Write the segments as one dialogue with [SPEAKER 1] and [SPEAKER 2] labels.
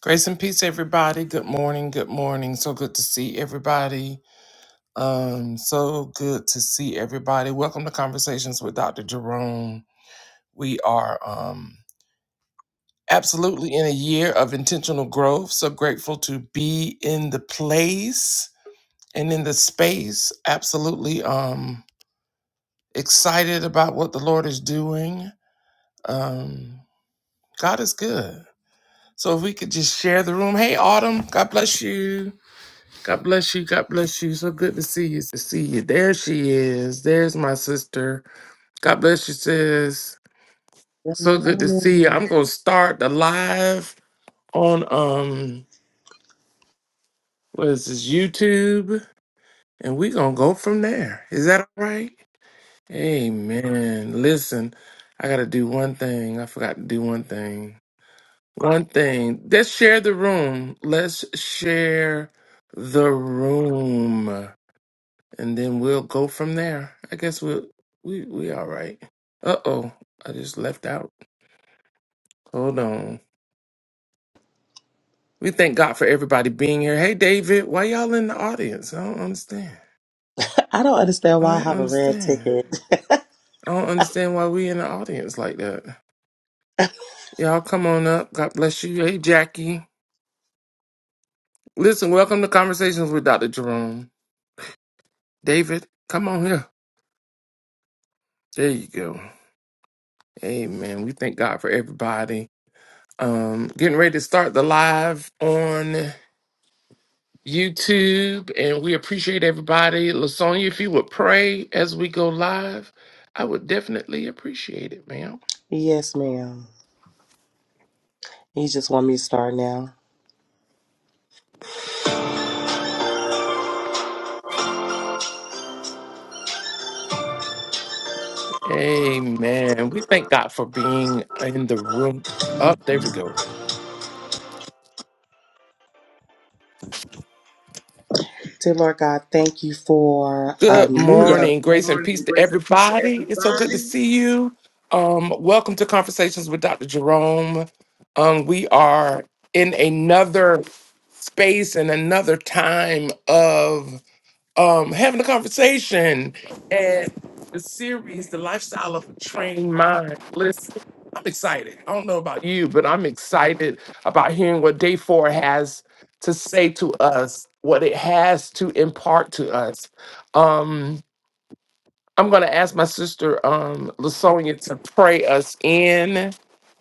[SPEAKER 1] Grace and peace, everybody. Good morning. Good morning. So good to see everybody. Um, so good to see everybody. Welcome to Conversations with Dr. Jerome. We are um absolutely in a year of intentional growth. So grateful to be in the place and in the space. Absolutely um excited about what the Lord is doing. Um, God is good. So if we could just share the room. Hey, Autumn, God bless you. God bless you. God bless you. So good to see you. To see you. There she is. There's my sister. God bless you, sis.
[SPEAKER 2] Good
[SPEAKER 1] So good to see you.
[SPEAKER 2] morning.
[SPEAKER 1] I'm gonna start the live on um what is this YouTube, and we gonna go from there. Is that all right? Amen. Listen, I gotta do one thing. I forgot to do one thing. One thing. Let's share the room. Let's share the room. and then we'll go from there. I guess we'll we we all right. Uh oh, I just left out. Hold on. We thank God for everybody being here. Hey David, why y'all in the audience? I don't understand.
[SPEAKER 2] I don't understand
[SPEAKER 1] I
[SPEAKER 2] why I
[SPEAKER 1] don't
[SPEAKER 2] have a red
[SPEAKER 1] understand.
[SPEAKER 2] ticket.
[SPEAKER 1] I don't understand why we in the audience like that. Y'all come on up. God bless you. Hey Jackie. Listen, welcome to Conversations with Dr. Jerome. David, come on here. There you go. Amen. We thank God for everybody. Um, getting ready to start the live on. YouTube, and we appreciate everybody. Lasonia, if you would pray as we go live, I would definitely appreciate it, ma'am.
[SPEAKER 2] Yes, ma'am. You just want me to start now.
[SPEAKER 1] Amen. We thank God for being in the room. Up there we go.
[SPEAKER 2] Dear Lord God, thank you for a
[SPEAKER 1] Good
[SPEAKER 2] new day.
[SPEAKER 1] morning,
[SPEAKER 2] Good
[SPEAKER 1] grace and peace
[SPEAKER 2] morning,
[SPEAKER 1] to
[SPEAKER 2] grace and peace to
[SPEAKER 1] everybody. It's so good to
[SPEAKER 2] everybody.
[SPEAKER 1] see you. Um, welcome to Conversations with Dr. Jerome. Um, we are in another space and another time of. um, having a conversation and the series, The Lifestyle of a Trained Mind. Listen, I'm excited. I don't know about you, but I'm excited about hearing what day four has to say to us, what it has to impart to us. Um, I'm going to ask my sister, um, Lasonia, to pray us in,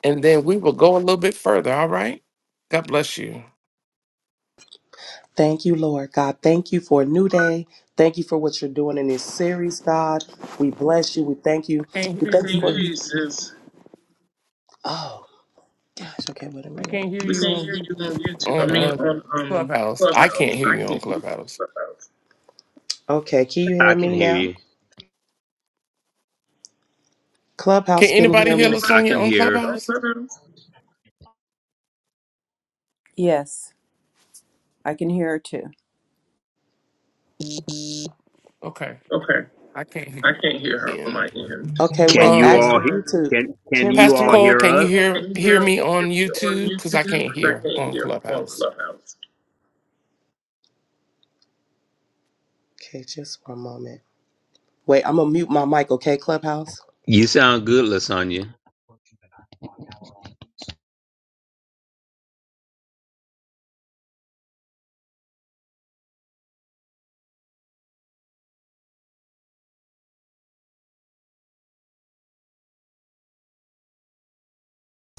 [SPEAKER 1] and then we will go a little bit further. All right? God bless you.
[SPEAKER 2] Thank you, Lord God. Thank you for a new day. Thank you for what you're doing in this series, God. We bless you. We thank
[SPEAKER 1] I
[SPEAKER 2] you.
[SPEAKER 1] can't
[SPEAKER 2] We
[SPEAKER 1] hear
[SPEAKER 2] thank
[SPEAKER 1] you,
[SPEAKER 2] you I can't for. hear
[SPEAKER 1] sis.
[SPEAKER 2] you, sis. Oh, gosh. Okay, wait a
[SPEAKER 1] We
[SPEAKER 2] minute.
[SPEAKER 1] can't hear
[SPEAKER 2] We
[SPEAKER 1] you
[SPEAKER 2] can't
[SPEAKER 1] on
[SPEAKER 2] hear
[SPEAKER 1] you.
[SPEAKER 2] you on YouTube. I
[SPEAKER 1] on
[SPEAKER 2] mean,
[SPEAKER 1] uh,
[SPEAKER 2] on um
[SPEAKER 1] Clubhouse. I
[SPEAKER 2] Clubhouse.
[SPEAKER 1] can't hear
[SPEAKER 2] I
[SPEAKER 1] you on
[SPEAKER 2] can't hear you on
[SPEAKER 1] Clubhouse.
[SPEAKER 2] Clubhouse. Okay, can you
[SPEAKER 3] I
[SPEAKER 2] hear
[SPEAKER 3] can
[SPEAKER 2] me
[SPEAKER 3] hear
[SPEAKER 2] now?
[SPEAKER 3] you.
[SPEAKER 1] Can
[SPEAKER 2] Clubhouse can hear
[SPEAKER 1] anybody
[SPEAKER 2] Can me.
[SPEAKER 1] hear us
[SPEAKER 2] anybody
[SPEAKER 3] I
[SPEAKER 1] on
[SPEAKER 3] can
[SPEAKER 2] hear
[SPEAKER 3] hear.
[SPEAKER 2] me on
[SPEAKER 1] Clubhouse?
[SPEAKER 2] Clubhouse?
[SPEAKER 4] Yes, I can hear her too.
[SPEAKER 1] Okay,
[SPEAKER 2] Okay.
[SPEAKER 1] I can't hear
[SPEAKER 2] I
[SPEAKER 1] you.
[SPEAKER 2] can't hear her on
[SPEAKER 1] In
[SPEAKER 2] my end. Okay,
[SPEAKER 3] Can
[SPEAKER 2] wait.
[SPEAKER 3] you
[SPEAKER 2] Ask the
[SPEAKER 1] um,
[SPEAKER 3] all
[SPEAKER 2] Um,
[SPEAKER 3] he-
[SPEAKER 2] YouTube.
[SPEAKER 3] can can
[SPEAKER 2] Kim, you
[SPEAKER 3] you
[SPEAKER 1] Pastor
[SPEAKER 3] all
[SPEAKER 2] can't.
[SPEAKER 1] Cole,
[SPEAKER 3] hear
[SPEAKER 2] Pastor
[SPEAKER 1] can you
[SPEAKER 3] us?
[SPEAKER 1] hear
[SPEAKER 2] can you
[SPEAKER 1] hear
[SPEAKER 2] hear,
[SPEAKER 1] me
[SPEAKER 2] hear
[SPEAKER 1] on
[SPEAKER 2] me on
[SPEAKER 1] YouTube? Because I
[SPEAKER 2] YouTube?
[SPEAKER 1] can't
[SPEAKER 2] Because I
[SPEAKER 1] hear
[SPEAKER 2] can't
[SPEAKER 1] on
[SPEAKER 2] hear her on
[SPEAKER 1] Clubhouse.
[SPEAKER 2] Clubhouse. Okay, just one moment. Wait, I'm gonna mute my mic. Okay, Clubhouse.
[SPEAKER 3] You sound good, Lasagna.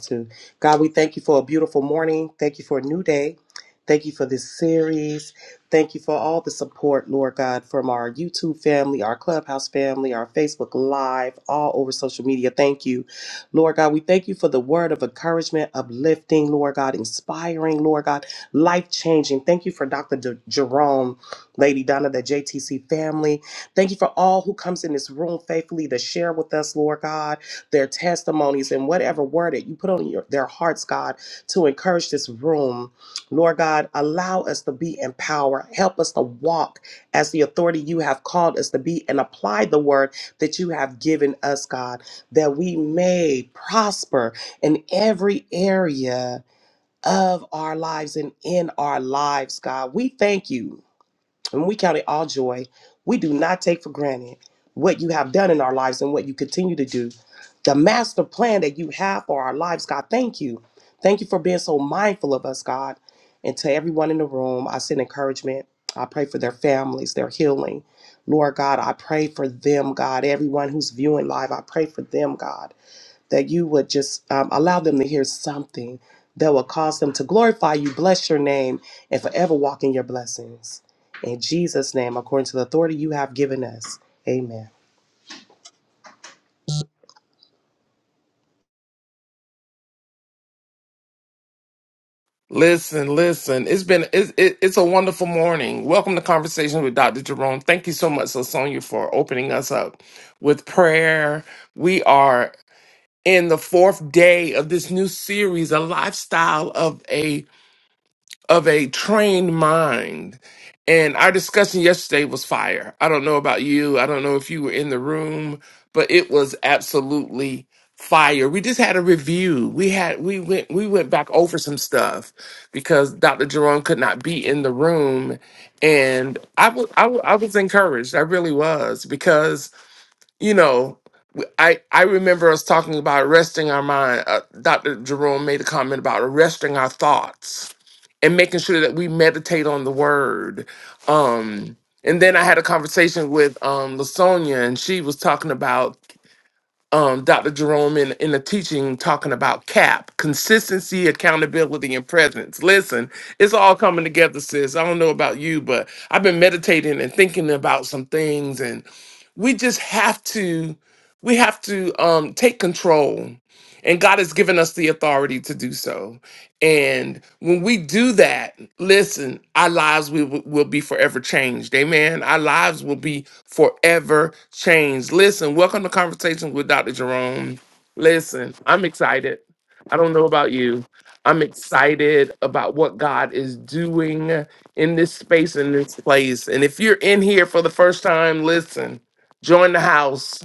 [SPEAKER 2] to. God, we thank you for a beautiful morning. Thank you for a new day. Thank you for this series. Thank you for all the support, Lord God, from our YouTube family, our Clubhouse family, our Facebook Live, all over social media. Thank you, Lord God. We thank you for the word of encouragement, uplifting, Lord God, inspiring, Lord God, life changing. Thank you for Dr. D- Jerome, Lady Donna, the JTC family. Thank you for all who comes in this room faithfully to share with us, Lord God their testimonies and whatever word that you put on your, their hearts, God, to encourage this room. Lord God, allow us to be empowered. Help us to walk as the authority you have called us to be and apply the word that you have given us, God, that we may prosper in every area of our lives and in our lives, God. We thank you. And we count it all joy. We do not take for granted what you have done in our lives and what you continue to do. The master plan that you have for our lives, God, thank you. Thank you for being so mindful of us, God. And to everyone in the room, I send encouragement. I pray for their families, their healing. Lord God, I pray for them, God. Everyone who's viewing live, I pray for them, God that you would just um, allow them to hear something that will cause them to glorify you, bless your name, and forever walk in your blessings. In Jesus' name, according to the authority you have given us. Amen.
[SPEAKER 1] Listen, listen. It's been it's, it, it's a wonderful morning. Welcome to Conversations with Dr. Jerome. Thank you so much, Lasonia, for opening us up with prayer. We are in the fourth day of this new series, a lifestyle of a of a trained mind. And our discussion yesterday was fire. I don't know about you. I don't know if you were in the room, but it was absolutely fire. We just had a review. We had we went we went back over some stuff because Dr. Jerome could not be in the room, and I was I wa- I was encouraged. I really was because you know, w- I I remember us talking about arresting our mind. Uh, Dr. Jerome made a comment about arresting our thoughts and making sure that we meditate on the word. Um, and then I had a conversation with um, Lasonia, and she was talking about um, Dr. Jerome in in a teaching talking about CAP, consistency, accountability, and presence. Listen, it's all coming together, sis. I don't know about you, but I've been meditating and thinking about some things, and we just have to we have to um take control and god has given us the authority to do so and when we do that listen our lives we will, will be forever changed amen our lives will be forever changed listen welcome to conversations with dr jerome listen i'm excited i don't know about you i'm excited about what god is doing in this space in this place and if you're in here for the first time listen join the house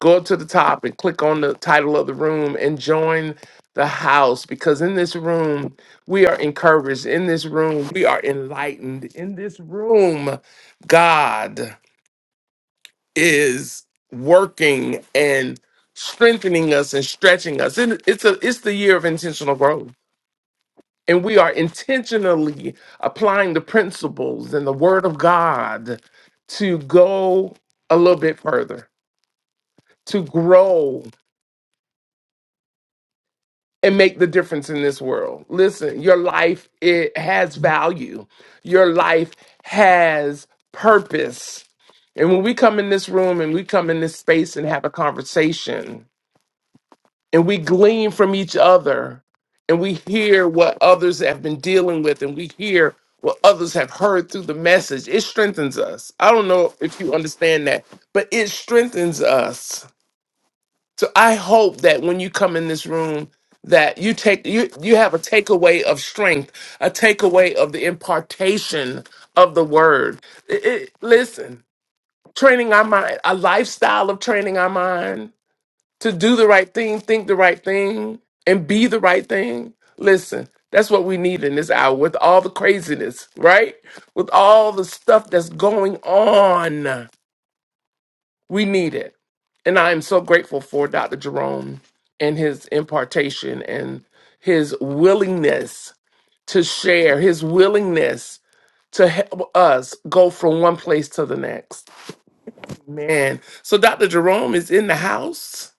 [SPEAKER 1] go up to the top and click on the title of the room and join the house because in this room we are encouraged in this room we are enlightened in this room god is working and strengthening us and stretching us and it's a it's the year of intentional growth and we are intentionally applying the principles and the word of god to go a little bit further to grow and make the difference in this world. Listen, your life it has value. Your life has purpose. And when we come in this room and we come in this space and have a conversation and we glean from each other and we hear what others have been dealing with and we hear what others have heard through the message, it strengthens us. I don't know if you understand that, but it strengthens us so I hope that when you come in this room, that you take you you have a takeaway of strength, a takeaway of the impartation of the word. It- it- listen, training our mind, a lifestyle of training our mind to do the right thing, think the right thing, and be the right thing. Listen, that's what we need in this hour with all the craziness, right? With all the stuff that's going on. We need it. And I am so grateful for Dr. Jerome and his impartation and his willingness to share, his willingness to help us go from one place to the next. Man. So Dr. Jerome is in the house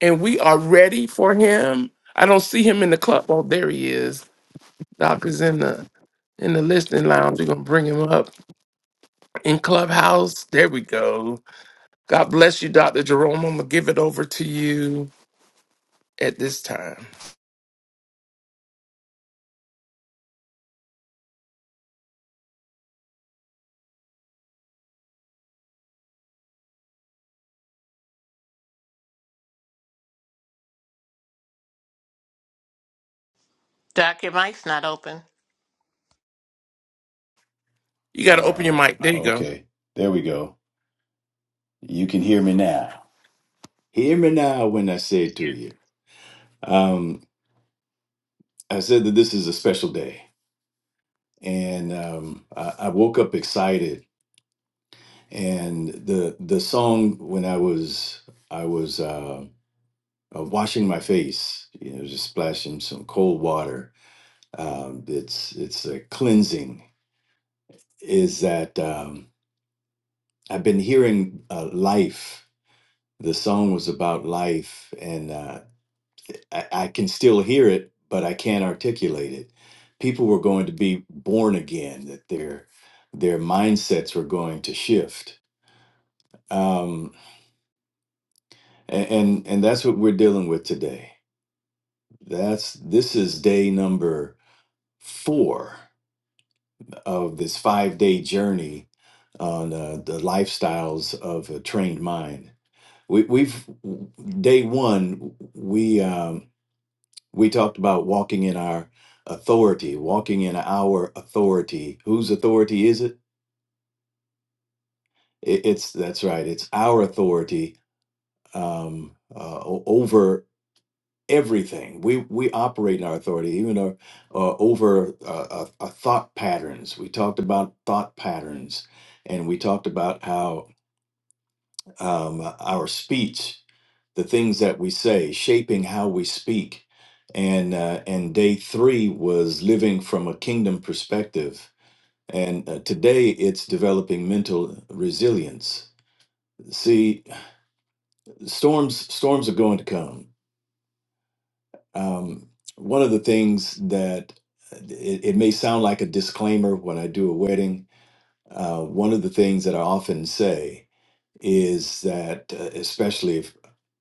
[SPEAKER 1] and we are ready for him. I don't see him in the club. Oh, there he is. Doc is in the in the listening lounge. We're gonna bring him up in Clubhouse. There we go. God bless you, Dr. Jerome. I'm gonna give it over to you at this time.
[SPEAKER 5] Doc, your mic's not open.
[SPEAKER 1] You got to open your
[SPEAKER 6] Uh,
[SPEAKER 1] mic. There you go.
[SPEAKER 6] okay. There we go. You can hear me now. Hear me now when I say it to you. Um, I said that this is a special day, and um, I, I woke up excited. And the the song when I was I was uh, uh, washing my face, you know, just splashing some cold water. Um, it's it's a cleansing. Is that um, I've been hearing uh, life the song was about life and uh, I, I can still hear it, but I can't articulate it. People were going to be born again; that their their mindsets were going to shift, um, and, and and that's what we're dealing with today. That's this is day number four of this five day journey on uh, the lifestyles of a trained mind. We, we've day one. We um, We talked about walking in our authority, walking in our authority. Whose authority is it? I- It's that's right. It's our authority um, uh, o- over everything. We we operate in our authority, even uh, uh, over uh, uh, uh, thought patterns. We talked about thought patterns, and we talked about how um, our speech. the things that we say, shaping how we speak. And uh, and day three was living from a kingdom perspective. And uh, today it's developing mental resilience. See, storms storms are going to come. Um, one of the things that uh, it, it may sound like a disclaimer when I do a wedding. Uh, one of the things that I often say is that uh, especially if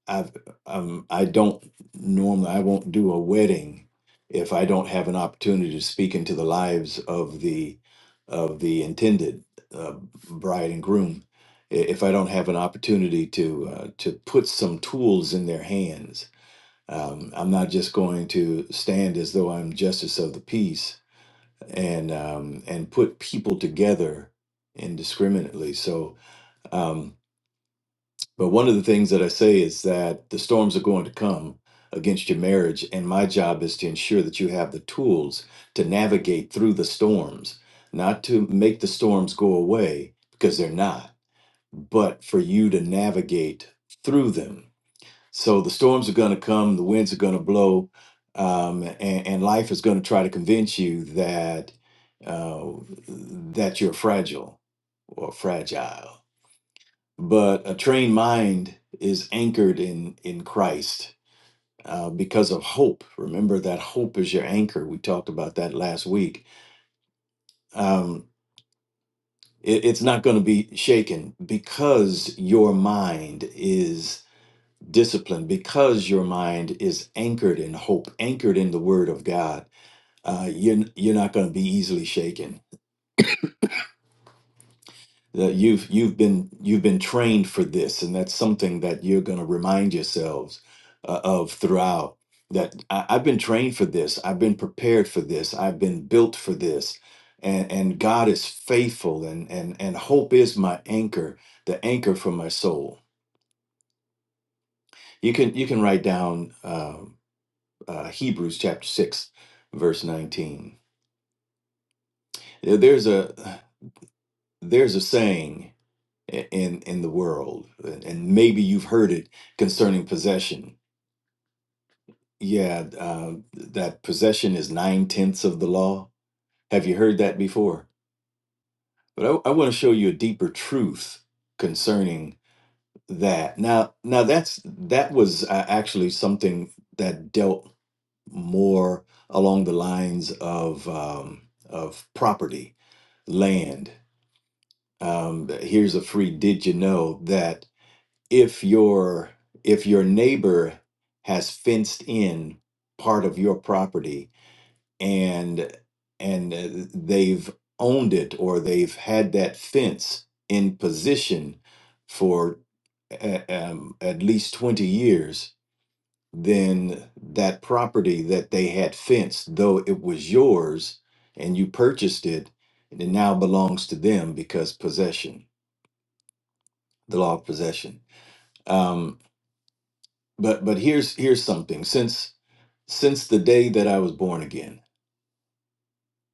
[SPEAKER 6] I've um, I don't normally I won't do a wedding if I don't have an opportunity to speak into the lives of the of the intended uh, bride and groom. I- If I don't have an opportunity to uh, to put some tools in their hands, um, I'm not just going to stand as though I'm justice of the peace and um, and put people together indiscriminately. So. Um, but one of the things that I say is that the storms are going to come against your marriage, and my job is to ensure that you have the tools to navigate through the storms, not to make the storms go away because they're not, but for you to navigate through them. So the storms are going to come, the winds are going to blow, um, and, and life is going to try to convince you that uh, that you're fragile or fragile but a trained mind is anchored in in Christ uh, because of hope. Remember that hope is your anchor. We talked about that last week. Um, it- it's not going to be shaken because your mind is disciplined. Because your mind is anchored in hope, anchored in the Word of God. Uh, you're you're not going to be easily shaken Uh, you've you've been you've been trained for this, and that's something that you're going to remind yourselves uh, of throughout. That I, I've been trained for this. I've been prepared for this. I've been built for this, and and God is faithful, and and and hope is my anchor, the anchor for my soul. You can you can write down uh, uh, Hebrews chapter six, verse nineteen. There- There's a there's a saying. i- in in the world and maybe you've heard it concerning possession yeah uh, that possession is nine tenths of the law have you heard that before but i, I want to show you a deeper truth concerning that now now that's that was uh, actually something that dealt more along the lines of um, of property land um, here's a free did you know that if your if your neighbor has fenced in part of your property and and uh, they've owned it or they've had that fence in position for uh, um, at least 20 years then that property that they had fenced though it was yours and you purchased it it now belongs to them because possession the law of possession Um, But but here's here's something. Since since the day that I was born again,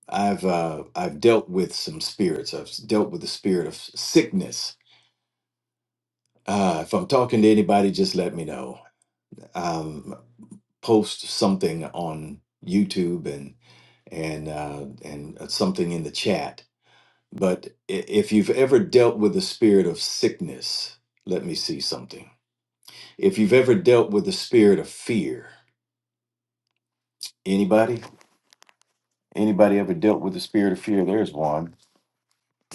[SPEAKER 6] I've uh, I've dealt with some spirits. I've dealt with the spirit of sickness. Uh, if I'm talking to anybody, just let me know. Um, post something on YouTube and and uh, and uh, something in the chat. But i- if you've ever dealt with the spirit of sickness, let me see something. If you've ever dealt with the spirit of fear, anybody? Anybody ever dealt with the spirit of fear? There's one.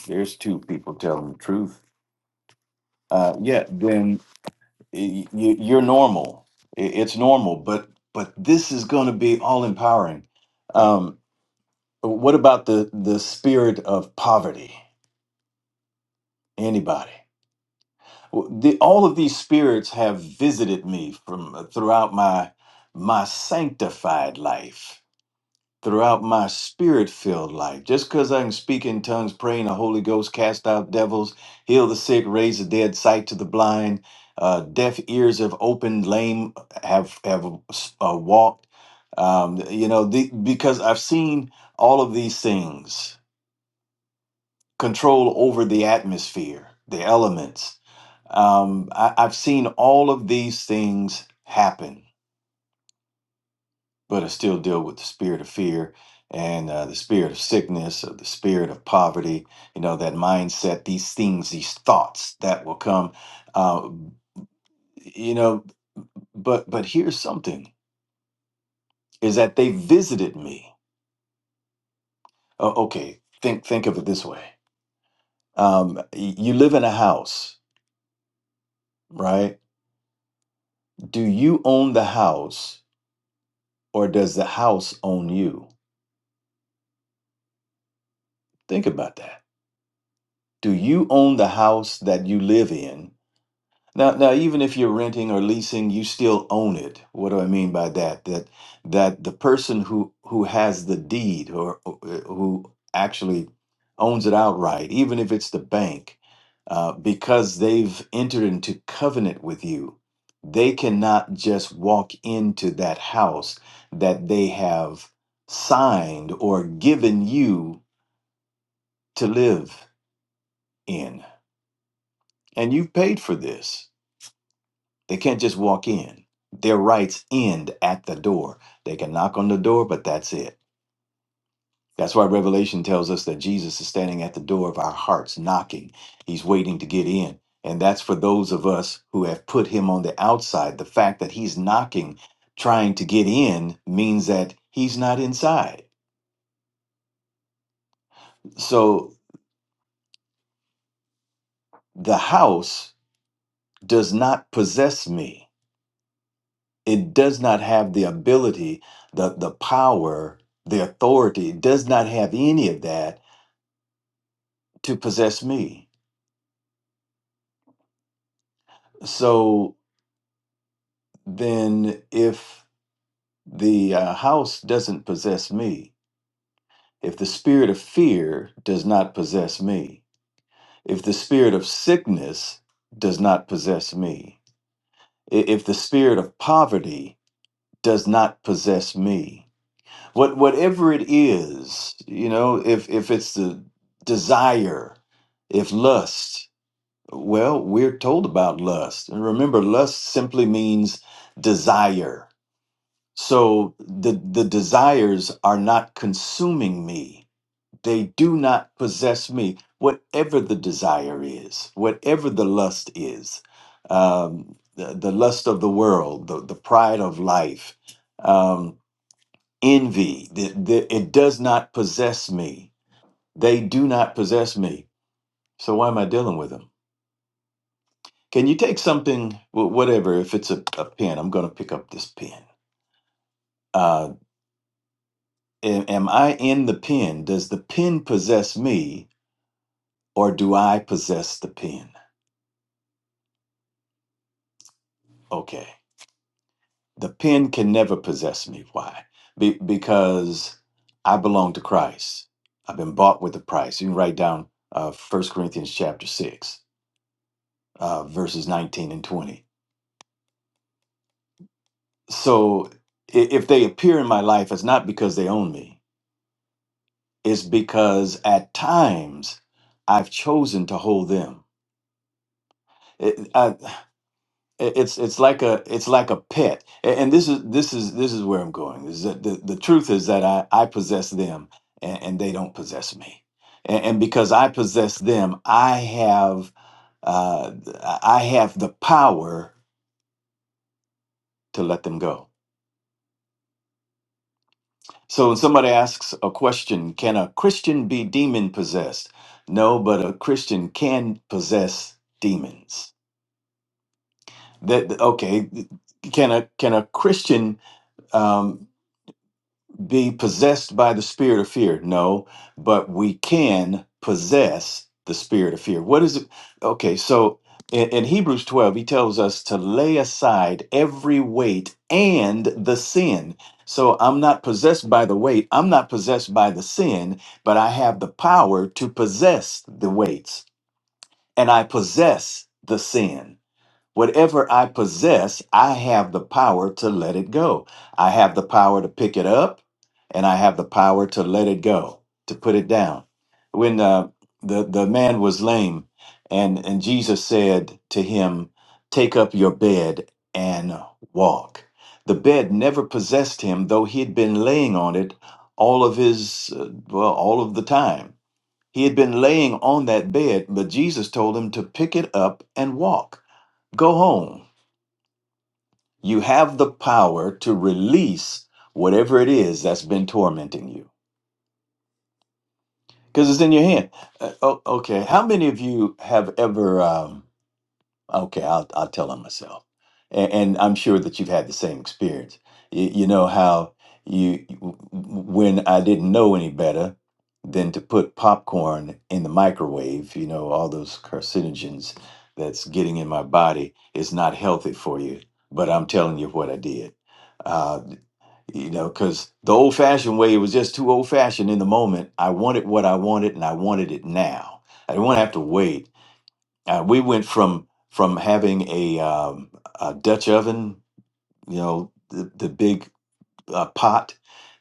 [SPEAKER 6] There's two people telling the truth. Uh, yeah, then y- y- you're normal. I- It's normal, but but this is going to be all empowering. Um, what about the the spirit of poverty? Anybody? W- The, all of these spirits have visited me from uh, throughout my my sanctified life throughout my spirit filled life. Just because I can speak in tongues, pray in the Holy Ghost, cast out devils, heal the sick, raise the dead, sight to the blind, uh, deaf ears have opened, lame have, have uh, walked. Um, you know, the, because I've seen all of these things control over the atmosphere, the elements. Um, I, I've seen all of these things happen but it still deal with the spirit of fear and uh, the spirit of sickness or the spirit of poverty you know that mindset these things these thoughts that will come uh, you know but but here's something is that they visited me oh, okay think think of it this way um, y- you live in a house right do you own the house or does the house own you think about that do you own the house that you live in Now, now, even if you're renting or leasing, you still own it. What do I mean by that? That that the person who who has the deed or uh, who actually owns it outright, even if it's the bank, uh, because they've entered into covenant with you, they cannot just walk into that house that they have signed or given you to live in. And you've paid for this. They can't just walk in. Their rights end at the door. They can knock on the door, but that's it. That's why Revelation tells us that Jesus is standing at the door of our hearts, knocking. He's waiting to get in. And that's for those of us who have put him on the outside. The fact that he's knocking, trying to get in, means that he's not inside. So the house does not possess me. it does not have the ability, the, the power, the authority, it does not have any of that to possess me. So then, if the uh, house doesn't possess me, if the spirit of fear does not possess me, if the spirit of sickness does not possess me, i- if the spirit of poverty does not possess me, what whatever it is you know if if it's the desire if lust well we're told about lust and remember lust simply means desire so the the desires are not consuming me they do not possess me whatever the desire is whatever the lust is um the, the lust of the world the, the pride of life Um, envy the, the, it does not possess me they do not possess me so why am i dealing with them can you take something wh- whatever if it's a, a pen i'm going to pick up this pen uh, a- am i in the pen does the pen possess me or do i possess the pen okay the pen can never possess me why Be- because i belong to christ i've been bought with a price you can write down uh, 1 corinthians chapter 6 uh, verses 19 and 20 So i- if they appear in my life, it's not because they own me, it's because at times I've chosen to hold them. It, I, it's it's like a it's like a pet, A- and this is this is this is where I'm going. Is that the, the truth is that I, I possess them, and, and they don't possess me, and, and because I possess them, I have uh, I have the power to let them go So when somebody asks a question, can a Christian be demon possessed? No, but a Christian can possess demons. That okay? Can a can a Christian? um, be possessed by the spirit of fear. No, but we can possess the spirit of fear. What is it? Okay, so in, in Hebrews 12, he tells us to lay aside every weight and the sin. So I'm not possessed by the weight, I'm not possessed by the sin, but I have the power to possess the weights and I possess the sin. Whatever I possess, I have the power to let it go. I have the power to pick it up, and I have the power to let it go, to put it down. When uh, the the man was lame, and and Jesus said to him, "Take up your bed and walk." The bed never possessed him, though he had been laying on it all of his uh, well, all of the time. He had been laying on that bed, but Jesus told him to pick it up and walk. Go home. You have the power to release whatever it is that's been tormenting you because it's in your hand. Uh, oh, okay. How many of you have ever? um, Okay, I'll I'll tell on myself, and, and I'm sure that you've had the same experience. You, you know how you when I didn't know any better than to put popcorn in the microwave. You know all those carcinogens that's getting in my body is not healthy for you. But I'm telling you what I did. Uh, you know, because the old-fashioned way it was just too old-fashioned in the moment. I wanted what I wanted, and I wanted it now. I didn't want to have to wait. Uh, we went from from having a, um, a Dutch oven, you know, the, the big uh, pot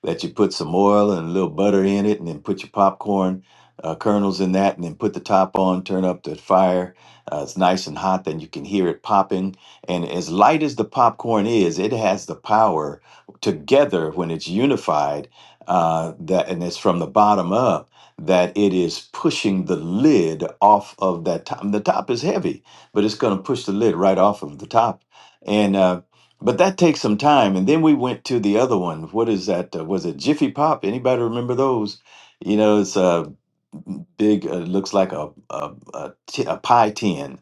[SPEAKER 6] that you put some oil and a little butter in it, and then put your popcorn uh, kernels in that, and then put the top on, turn up the fire. Uh, it's nice and hot, then you can hear it popping. And as light as the popcorn is, it has the power together when it's unified, uh, that and it's from the bottom up. That it is pushing the lid off of that top. The top is heavy, but it's going to push the lid right off of the top and. uh, but that takes some time. And then we went to the other one. What is that? Uh, was it Jiffy Pop? Anybody remember those? You know, it's uh, big. uh, looks like a a, a, t- a pie tin,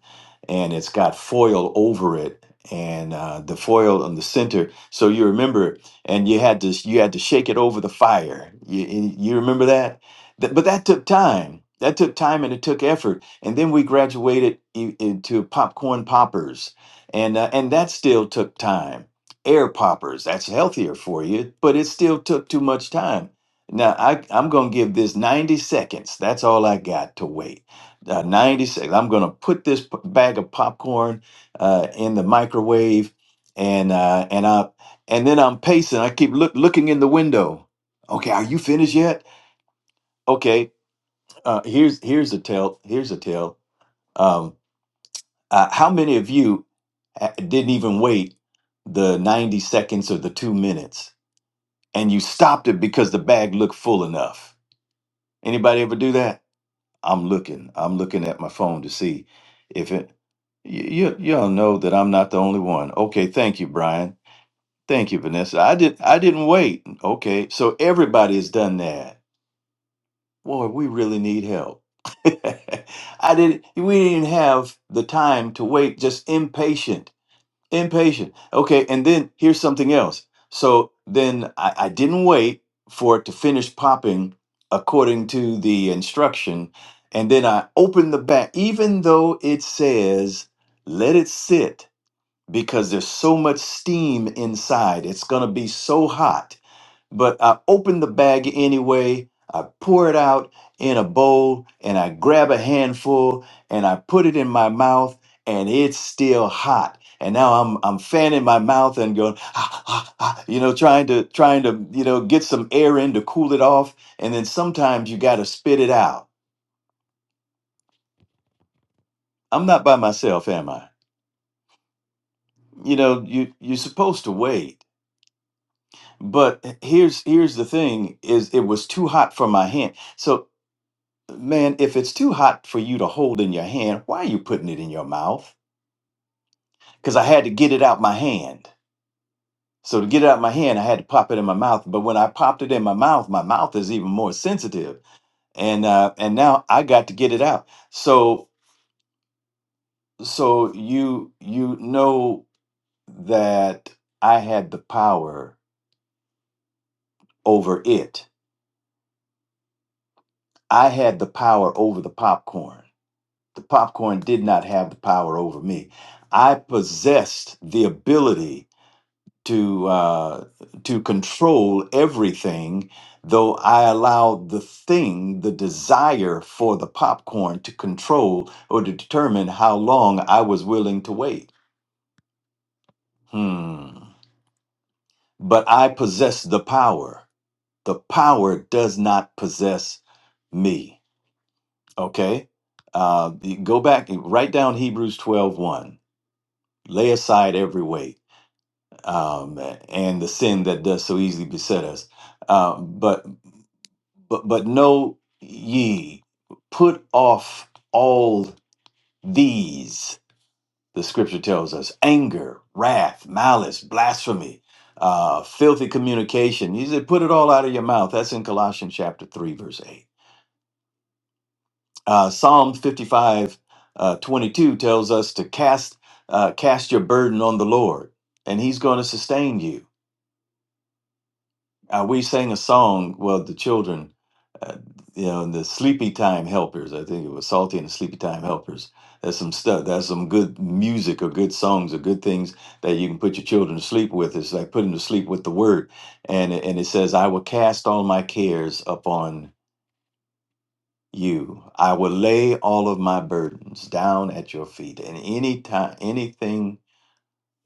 [SPEAKER 6] and it's got foil over it, and uh, the foil on the center. So you remember, and you had to you had to shake it over the fire. You you you remember that? Th- but that took time. That took time and it took effort. And then we graduated i- into popcorn poppers, and uh, and that still took time. Air poppers. That's healthier for you, but it still took too much time. Now I I'm gonna give this 90 seconds. That's all I got to wait. Uh, 90 seconds. I'm gonna put this p- bag of popcorn uh, in the microwave, and uh, and I and then I'm pacing. I keep look looking in the window. Okay, are you finished yet? Okay. Uh, here's here's a tell. Here's a tell. Um, uh, how many of you uh, didn't even wait the 90 seconds or the two minutes, and you stopped it because the bag looked full enough? Anybody ever do that? I'm looking. I'm looking at my phone to see if it. You you you all know that I'm not the only one. Okay, thank you, Brian. Thank you, Vanessa. I did I didn't wait. Okay, so everybody has done that. Boy, we really need help. I didn't. We didn't have the time to wait. Just impatient impatient okay and then here's something else so then I, I didn't wait for it to finish popping according to the instruction and then i opened the back even though it says let it sit because there's so much steam inside it's going to be so hot but I open the bag anyway. I pour it out in a bowl and I grab a handful and I put it in my mouth and it's still hot. And now I'm I'm fanning my mouth and going, ah, ah, ah, you know, trying to trying to you know get some air in to cool it off. And then sometimes you got to spit it out. I'm not by myself, am I? You know, you you're supposed to wait. But here's here's the thing: is it was too hot for my hand. So Man, if it's too hot for you to hold in your hand, why are you putting it in your mouth? Because I had to get it out my hand. So to get it out my hand, I had to pop it in my mouth. But when I popped it in my mouth, my mouth is even more sensitive, and uh, and now I got to get it out. So so you you know that I had the power over it. I had the power over the popcorn. The popcorn did not have the power over me. I possessed the ability to uh, to control everything, though I allow the thing, the desire for the popcorn, to control or to determine how long I was willing to wait. Hmm. But I possess the power. The power does not possess me. Okay. Uh, you go back. and Write down Hebrews twelve one. Lay aside every weight um, and the sin that does so easily beset us. Uh, but But but know ye, put off all these. The scripture tells us anger, wrath, malice, blasphemy, uh, filthy communication. He said, put it all out of your mouth. That's in Colossians chapter 3, verse 8. Uh, Psalm 55, uh, 22 tells us to cast, uh, cast your burden on the Lord, and he's going to sustain you Uh, we sang a song, well, the children, uh, you know, and the Sleepy Time Helpers. I think it was Salty and the Sleepy Time Helpers. That's some stuff. That's some good music or good songs or good things that you can put your children to sleep with. It's like putting them to sleep with the word. And it- and it says, "I will cast all my cares upon you. I will lay all of my burdens down at your feet." And any time, anything,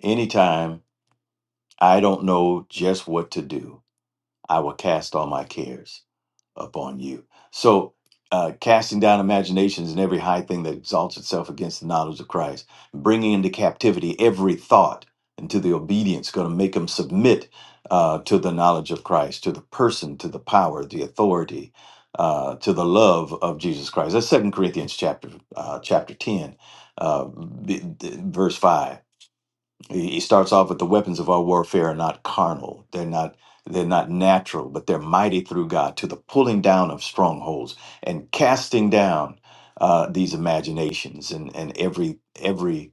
[SPEAKER 6] anytime, I don't know just what to do. I will cast all my cares. upon you. So, uh, casting down imaginations and every high thing that exalts itself against the knowledge of Christ, bringing into captivity every thought into the obedience, going to make them submit uh, to the knowledge of Christ, to the person, to the power, the authority, uh, to the love of Jesus Christ. That's Second Corinthians chapter uh, chapter ten, uh, b- d- verse five he he starts off with the weapons of our warfare are not carnal. They're not they're not natural, but they're mighty through God to the pulling down of strongholds and casting down uh, these imaginations and and every every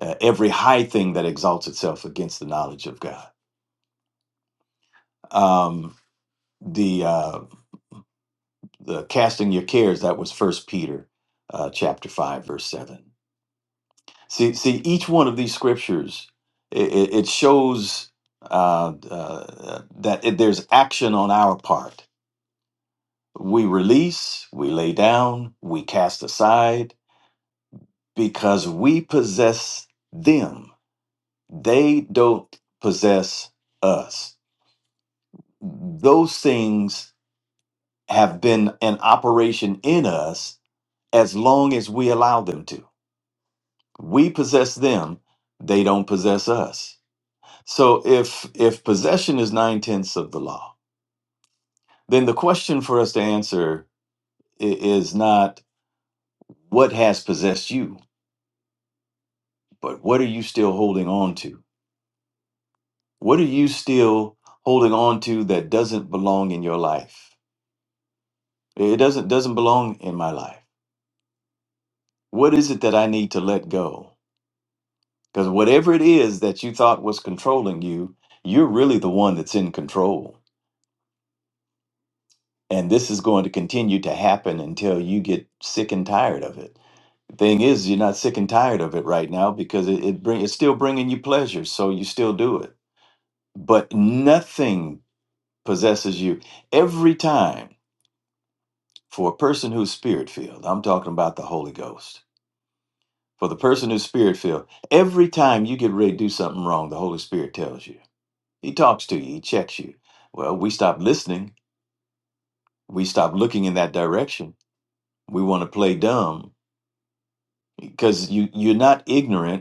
[SPEAKER 6] uh, every high thing that exalts itself against the knowledge of God. Um, the uh, the casting your cares that was First Peter uh, chapter five verse seven See, see, each one of these scriptures, it, it, it shows uh, uh, that it, there's action on our part. We release, we lay down, we cast aside because we possess them. They don't possess us. Those things have been an operation in us as long as we allow them to. We possess them, they don't possess us So if if possession is nine tenths of the law, then the question for us to answer i- is not what has possessed you, but what are you still holding on to? What are you still holding on to that doesn't belong in your life? It doesn't doesn't belong in my life. What is it that I need to let go? Because whatever it is that you thought was controlling you, you're really the one that's in control. And this is going to continue to happen until you get sick and tired of it Thing is, you're not sick and tired of it right now because it, it bring it's still bringing you pleasure, so you still do it. But nothing possesses you every time. For a person who's spirit filled, I'm talking about the Holy Ghost. For the person who's spirit filled, every time you get ready to do something wrong, the Holy Spirit tells you. He talks to you. He checks you. Well, we stop listening. We stop looking in that direction. We want to play dumb because you you're not ignorant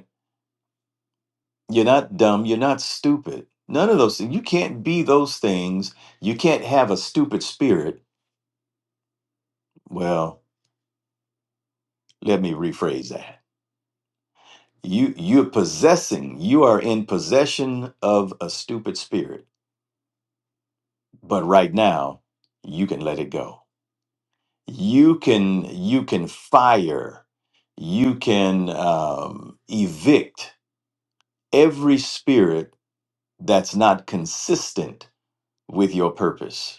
[SPEAKER 6] You're not dumb. You're not stupid. None of those things. You can't be those things. You can't have a stupid spirit. Well, let me rephrase that. You you're possessing. You are in possession of a stupid spirit. But right now, you can let it go. You can you can fire. You can um, evict every spirit that's not consistent with your purpose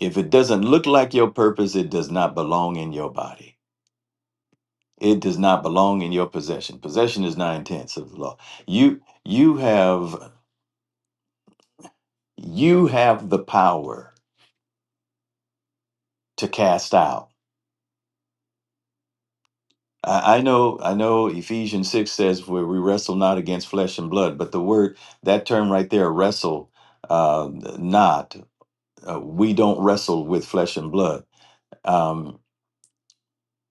[SPEAKER 6] If it doesn't look like your purpose, it does not belong in your body. It does not belong in your possession. Possession is nine tenths of the law. You you have you have the power to cast out. I, I know I know Ephesians six says where we wrestle not against flesh and blood, but the word that term right there, wrestle uh, not. Uh, we don't wrestle with flesh and blood. Um,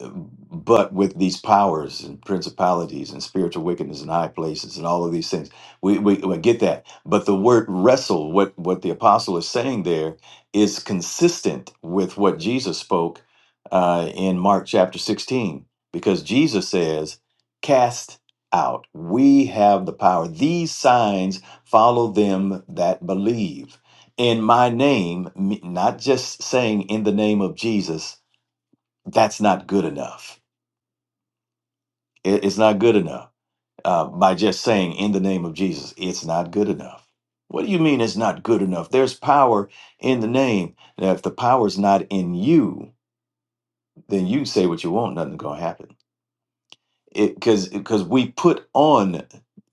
[SPEAKER 6] but with these powers and principalities and spiritual wickedness in high places and all of these things we, we, we get that but the word wrestle what what the apostle is saying there is consistent with what jesus spoke uh, in mark chapter 16 because jesus says cast out we have the power these signs follow them that believe in my name me- not just saying in the name of jesus that's not good enough it- it's not good enough uh, by just saying in the name of Jesus, it's not good enough. What do you mean it's not good enough? There's power in the name. Now, if the power's not in you, then you can say what you want, nothing's going to happen. It Because because we put on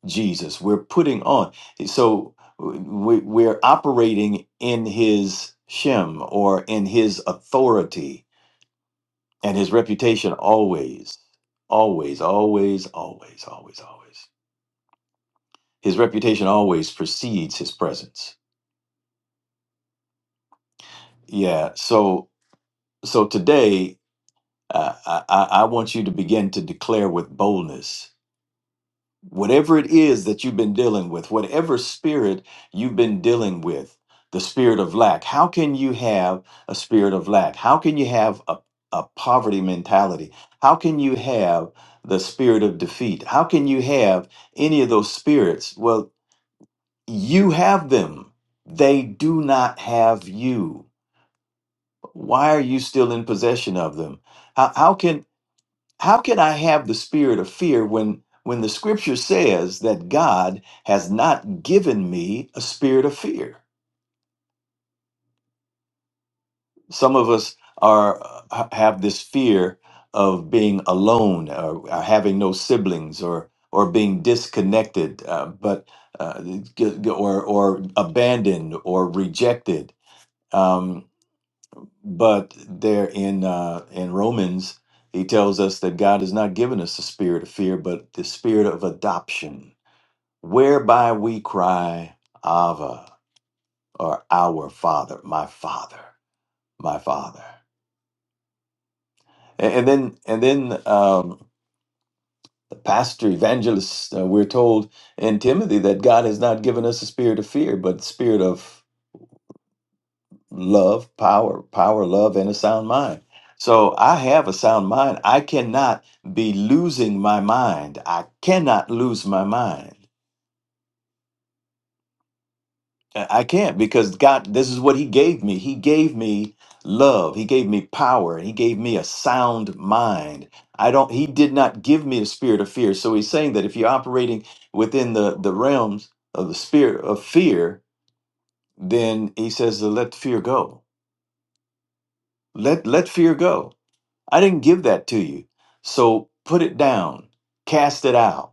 [SPEAKER 6] Jesus, we're putting on. So we, we're operating in his shem or in his authority and his reputation always, always, always, always, always, always. his reputation always precedes his presence. Yeah. So so today, uh, I I I want you to begin to declare with boldness whatever it is that you've been dealing with, whatever spirit you've been dealing with, the spirit of lack. How can you have a spirit of lack? How can you have a a poverty mentality? How can you have the spirit of defeat? How can you have any of those spirits? Well, you have them. They do not have you why are you still in possession of them how, how can how can i have the spirit of fear when when the scripture says that god has not given me a spirit of fear some of us are uh, ha- have this fear of being alone or, or having no siblings or or being disconnected uh, but uh, g- g- or or abandoned or rejected Um, but there in uh, in Romans, he tells us that God has not given us the spirit of fear, but the spirit of adoption, whereby we cry, Ava, or our Father, my Father, my Father. A- And, then and then um, the pastor evangelist, uh, we're told in Timothy that God has not given us a spirit of fear, but the spirit of love, power, power, love, and a sound mind. So I have a sound mind. I cannot be losing my mind. I cannot lose my mind. I I can't because God, this is what He gave me. He gave me love. He gave me power. He gave me a sound mind. I don't, He did not give me a spirit of fear. So He's saying that if you're operating within the, the realms of the spirit of fear, then He says to let fear go. Let, let fear go I didn't give that to you. So put it down, cast it out.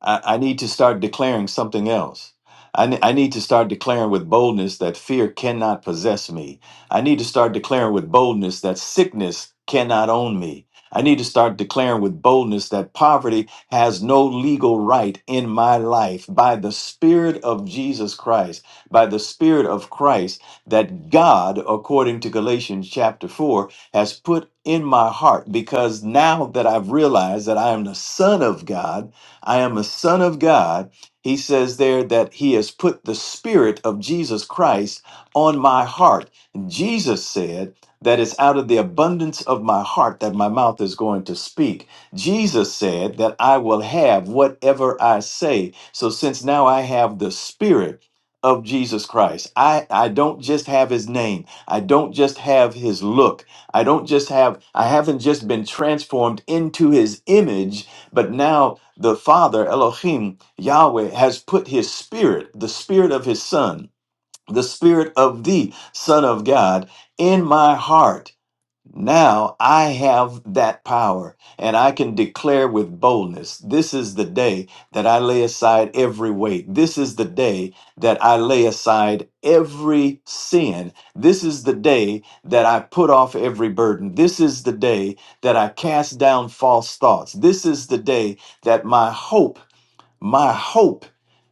[SPEAKER 6] I, I need to start declaring something else. I, ne- I need to start declaring with boldness that fear cannot possess me. I need to start declaring with boldness that sickness cannot own me. I need to start declaring with boldness that poverty has no legal right in my life by the Spirit of Jesus Christ, by the Spirit of Christ that God, according to Galatians chapter 4, has put in my heart because now that I've realized that I am the Son of God. I am a son of God. He says there that he has put the spirit of Jesus Christ on my heart. Jesus said that it's out of the abundance of my heart that my mouth is going to speak. Jesus said that I will have whatever I say. So since now I have the spirit of Jesus Christ, I, I don't just have his name. I don't just have his look. I don't just have, I haven't just been transformed into his image, but now the Father, Elohim, Yahweh, has put his spirit, the spirit of his Son, the spirit of the Son of God, in my heart now I have that power and I can declare with boldness this is the day that I lay aside every weight. This is the day that I lay aside every sin. This is the day that I put off every burden. This is the day that I cast down false thoughts. This is the day that my hope my hope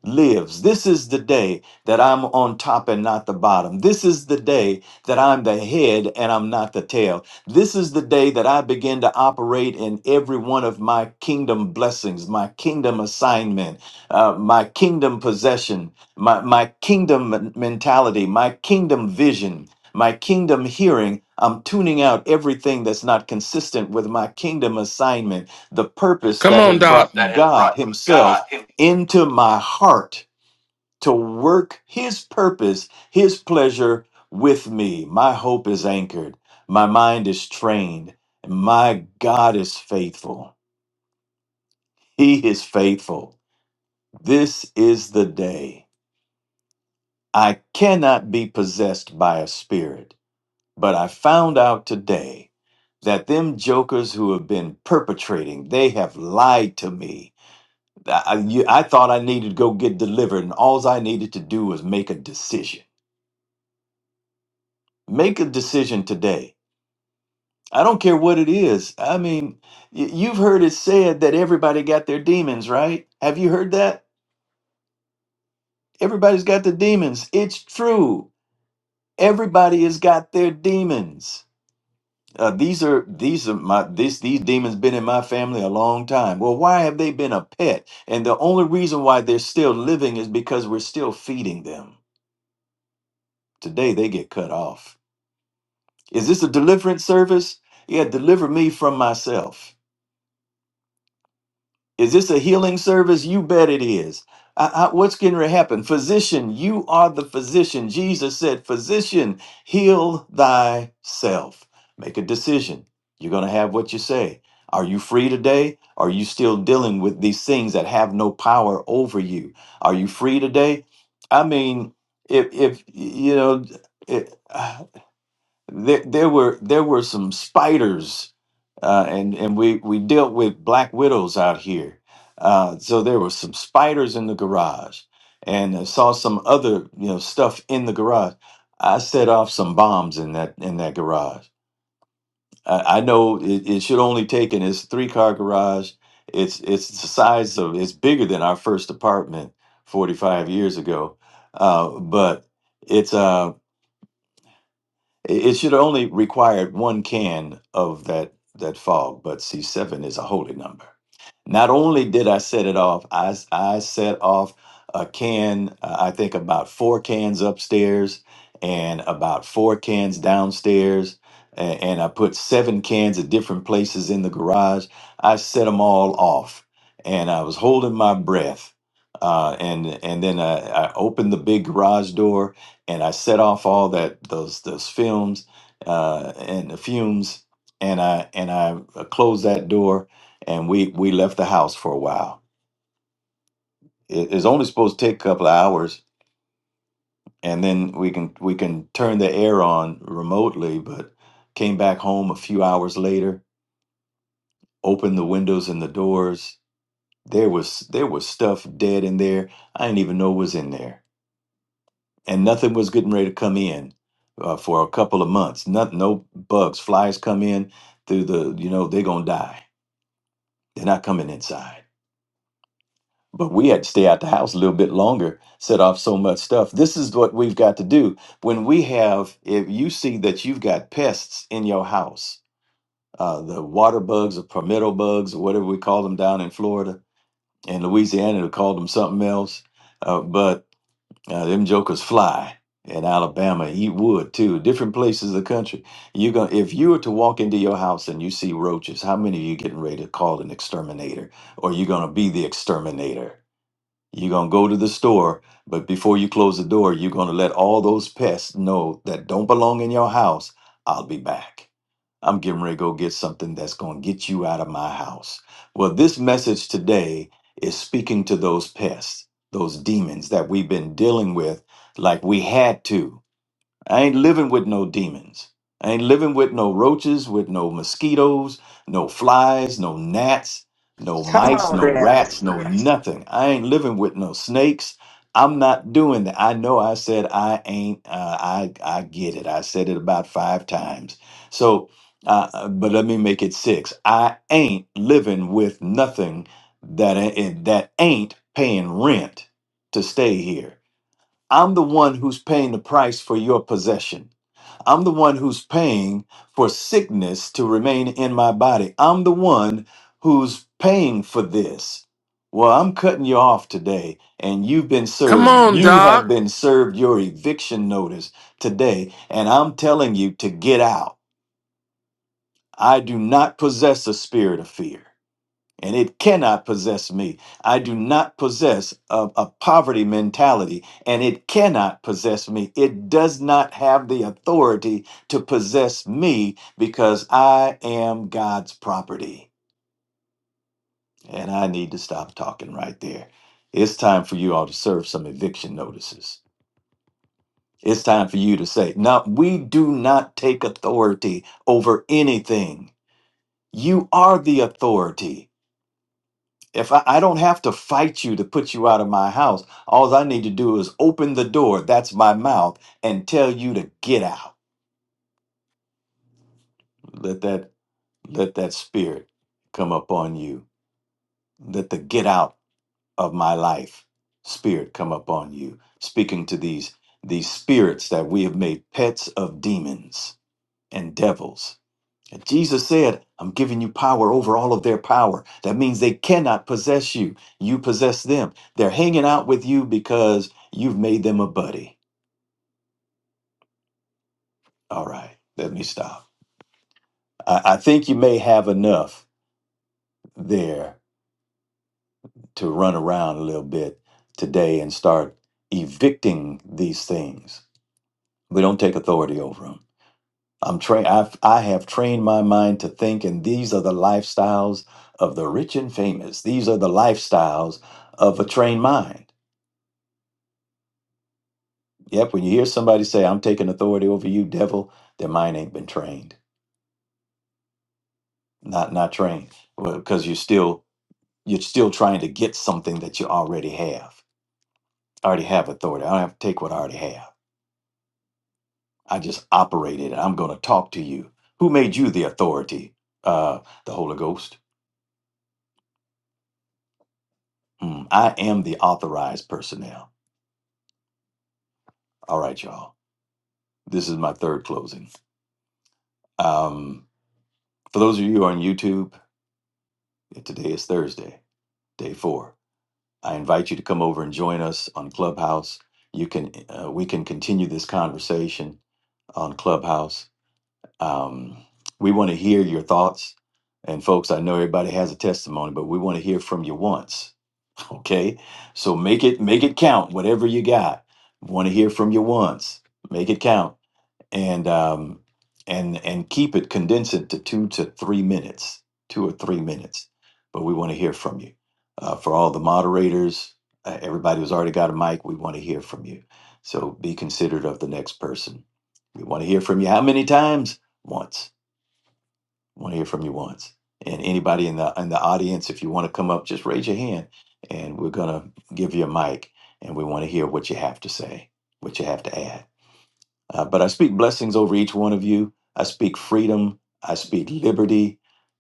[SPEAKER 6] lives. This is the day that I'm on top and not the bottom. This is the day that I'm the head and I'm not the tail. This is the day that I begin to operate in every one of my kingdom blessings, my kingdom assignment, uh, my kingdom possession, my, my kingdom men- mentality, my kingdom vision. My kingdom hearing, I'm tuning out everything that's not consistent with my kingdom assignment, the purpose
[SPEAKER 1] Come
[SPEAKER 6] that
[SPEAKER 1] on,
[SPEAKER 6] has
[SPEAKER 1] Doc. that
[SPEAKER 6] brought
[SPEAKER 1] has
[SPEAKER 6] God
[SPEAKER 1] brought
[SPEAKER 6] Himself
[SPEAKER 1] God himself
[SPEAKER 6] into my heart to work his purpose, his pleasure with me. My hope is anchored, my mind is trained, my God is faithful. He is faithful. This is the day. I cannot be possessed by a spirit, but I found out today that them jokers who have been perpetrating, they have lied to me. I, I- you- I thought I needed to go get delivered, and all I needed to do was make a decision. Make a decision today. I don't care what it is. I mean, y- you've heard it said that everybody got their demons, right? Have you heard that? Everybody's got their demons. It's true. Everybody has got their demons. Uh, these are these are my this these demons been in my family a long time. Well, why have they been a pet? And the only reason why they're still living is because we're still feeding them. Today they get cut off. Is this a deliverance service? Yeah, deliver me from myself. Is this a healing service? You bet it is. I- I- what's going to happen? Physician, you are the physician. Jesus said, Physician, heal thyself. Make a decision. You're going to have what you say. Are you free today? Are you still dealing with these things that have no power over you? Are you free today? I mean, if, if you know, it, uh, there, there were there were some spiders uh, and and we we dealt with black widows out here. Uh, so there were some spiders in the garage, and I saw some other you know stuff in the garage. I set off some bombs in that in that garage. I, I know it, it should only take in it's three car garage. It's it's the size of it's bigger than our first apartment forty five years ago, uh, but. It's um it it should only required one can of that that fog, but see, seven is a holy number. Not only did I set it off, I s- I set off a can. uh, I think about four cans upstairs and about four cans downstairs, and, and I put seven cans at different places in the garage. I set them all off, and I was holding my breath. Uh, and and then I, I opened the big garage door and I set off all that those those films uh, and the fumes, and I and I uh, closed that door, and we we left the house for a while. It, it's only supposed to take a couple of hours, and then we can we can turn the air on remotely. But came back home a few hours later, opened the windows and the doors. There was there was stuff dead in there. I didn't even know was in there and nothing was getting ready to come in uh, for a couple of months. Not, no bugs, flies come in through the, you know, they're gonna die. They're not coming inside. But we had to stay out the house a little bit longer, set off so much stuff. This is what we've got to do when we have. If you see that you've got pests in your house, uh, the water bugs or palmetto bugs or whatever we call them down in Florida and Louisiana, we call them something else. Uh, but Uh, them jokers fly in Alabama, eat wood too. Different places of the country. You going if you were to walk into your house and you see roaches, how many of you getting ready to call an exterminator, or you gonna be the exterminator? You're gonna go to the store, but before you close the door, you're gonna let all those pests know that don't belong in your house. I'll be back. I'm getting ready to go get something that's going to get you out of my house. Well, this message today is speaking to those pests, those demons that we've been dealing with like we had to. I ain't living with no demons. I ain't living with no roaches, with no mosquitoes, no flies, no gnats, no
[SPEAKER 2] Come
[SPEAKER 6] mice,
[SPEAKER 2] on,
[SPEAKER 6] no
[SPEAKER 2] girls.
[SPEAKER 6] rats, no nothing. I ain't living with no snakes. I'm not doing that. I know I said I ain't. Uh, I I get it. I said it about five times. So, uh, uh, but let me make it six. I ain't living with nothing that a- that ain't paying rent to stay here. I'm the one who's paying the price for your possession. I'm the one who's paying for sickness to remain in my body. I'm the one who's paying for this. Well, I'm cutting you off today, and you've been
[SPEAKER 1] Come to
[SPEAKER 6] served.
[SPEAKER 1] on, this
[SPEAKER 6] You
[SPEAKER 1] Doc.
[SPEAKER 6] have
[SPEAKER 1] earth.
[SPEAKER 6] been served your eviction notice today, and I'm telling you to get out. I do not possess a spirit of fear and it cannot possess me. I do not possess a, a poverty mentality, and it cannot possess me. It does not have the authority to possess me because I am God's property. And I need to stop talking right there. It's time for you all to serve some eviction notices. It's time for you to say, no, we do not take authority over anything. You are the authority. If I, I don't have to fight you to put you out of my house, all I need to do is open the door, that's my mouth, and tell you to get out. Let that let that spirit come upon you. Let the get out of my life spirit come upon you. Speaking to these these spirits that we have made pets of demons and devils. And Jesus said, I'm giving you power over all of their power. That means they cannot possess you. You possess them. They're hanging out with you because you've made them a buddy. All right, let me stop. I, I think you may have enough there to run around a little bit today and start evicting these things. We don't take authority over them. I'm trained. I've I have trained my mind to think, and these are the lifestyles of the rich and famous. These are the lifestyles of a trained mind. Yep. When you hear somebody say, "I'm taking authority over you, devil," their mind ain't been trained. Not not trained because you're still you're still trying to get something that you already have. I already have authority. I don't have to take what I already have. I just operate it. I'm going to talk to you. Who made you the authority? Uh, the Holy Ghost. Mm, I am the authorized personnel. All right, y'all. This is my third closing. Um, for those of you on YouTube, today is Thursday, day four. I invite you to come over and join us on Clubhouse. You can uh, we can continue this conversation on Clubhouse. Um, we want to hear your thoughts, and folks, I know everybody has a testimony, but we want to hear from you once. Okay, so make it make it count. Whatever you got, want to hear from you once. Make it count. and um, and and keep it condense it to two to three minutes, two or three minutes. But we want to hear from you. Uh, for all the moderators, uh, everybody who's already got a mic, we want to hear from you. So be considerate of the next person. We want to hear from you. How many times? Once. We want to hear from you once. And anybody in the in the audience, if you want to come up, just raise your hand, and we're gonna give you a mic, and we want to hear what you have to say, what you have to add. Uh, but I speak blessings over each one of you. I speak freedom. I speak liberty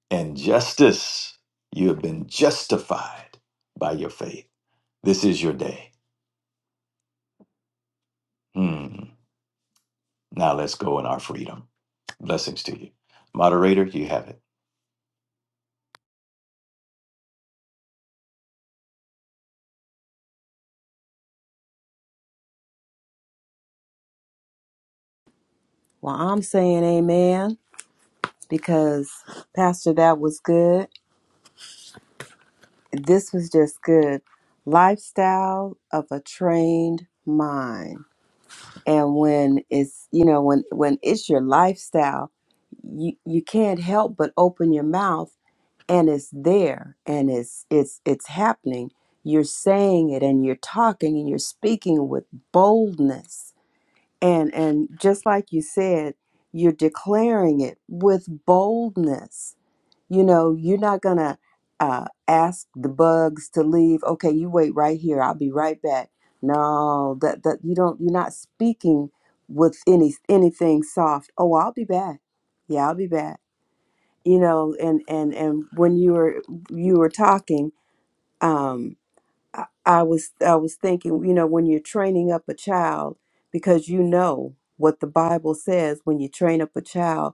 [SPEAKER 6] and justice. You have been justified by your faith. This is your day. Hmm. Now let's go in our freedom. Blessings to you. Moderator, you have it.
[SPEAKER 4] Well, I'm saying amen because, Pastor, that was good. This was just good. Lifestyle of a trained mind. And when it's, you know, when, when it's your lifestyle, you, you can't help but open your mouth and it's there and it's it's it's happening you're saying it and you're talking and you're speaking with boldness and and just like you said you're declaring it with boldness you know you're not gonna uh, ask the bugs to leave okay you wait right here i'll be right back no that that you don't you're not speaking with any anything soft oh i'll be back yeah i'll be back you know and and and when you were you were talking um, I, I was I was thinking, you know, when you're training up a child, because you know what the Bible says, when you train up a child,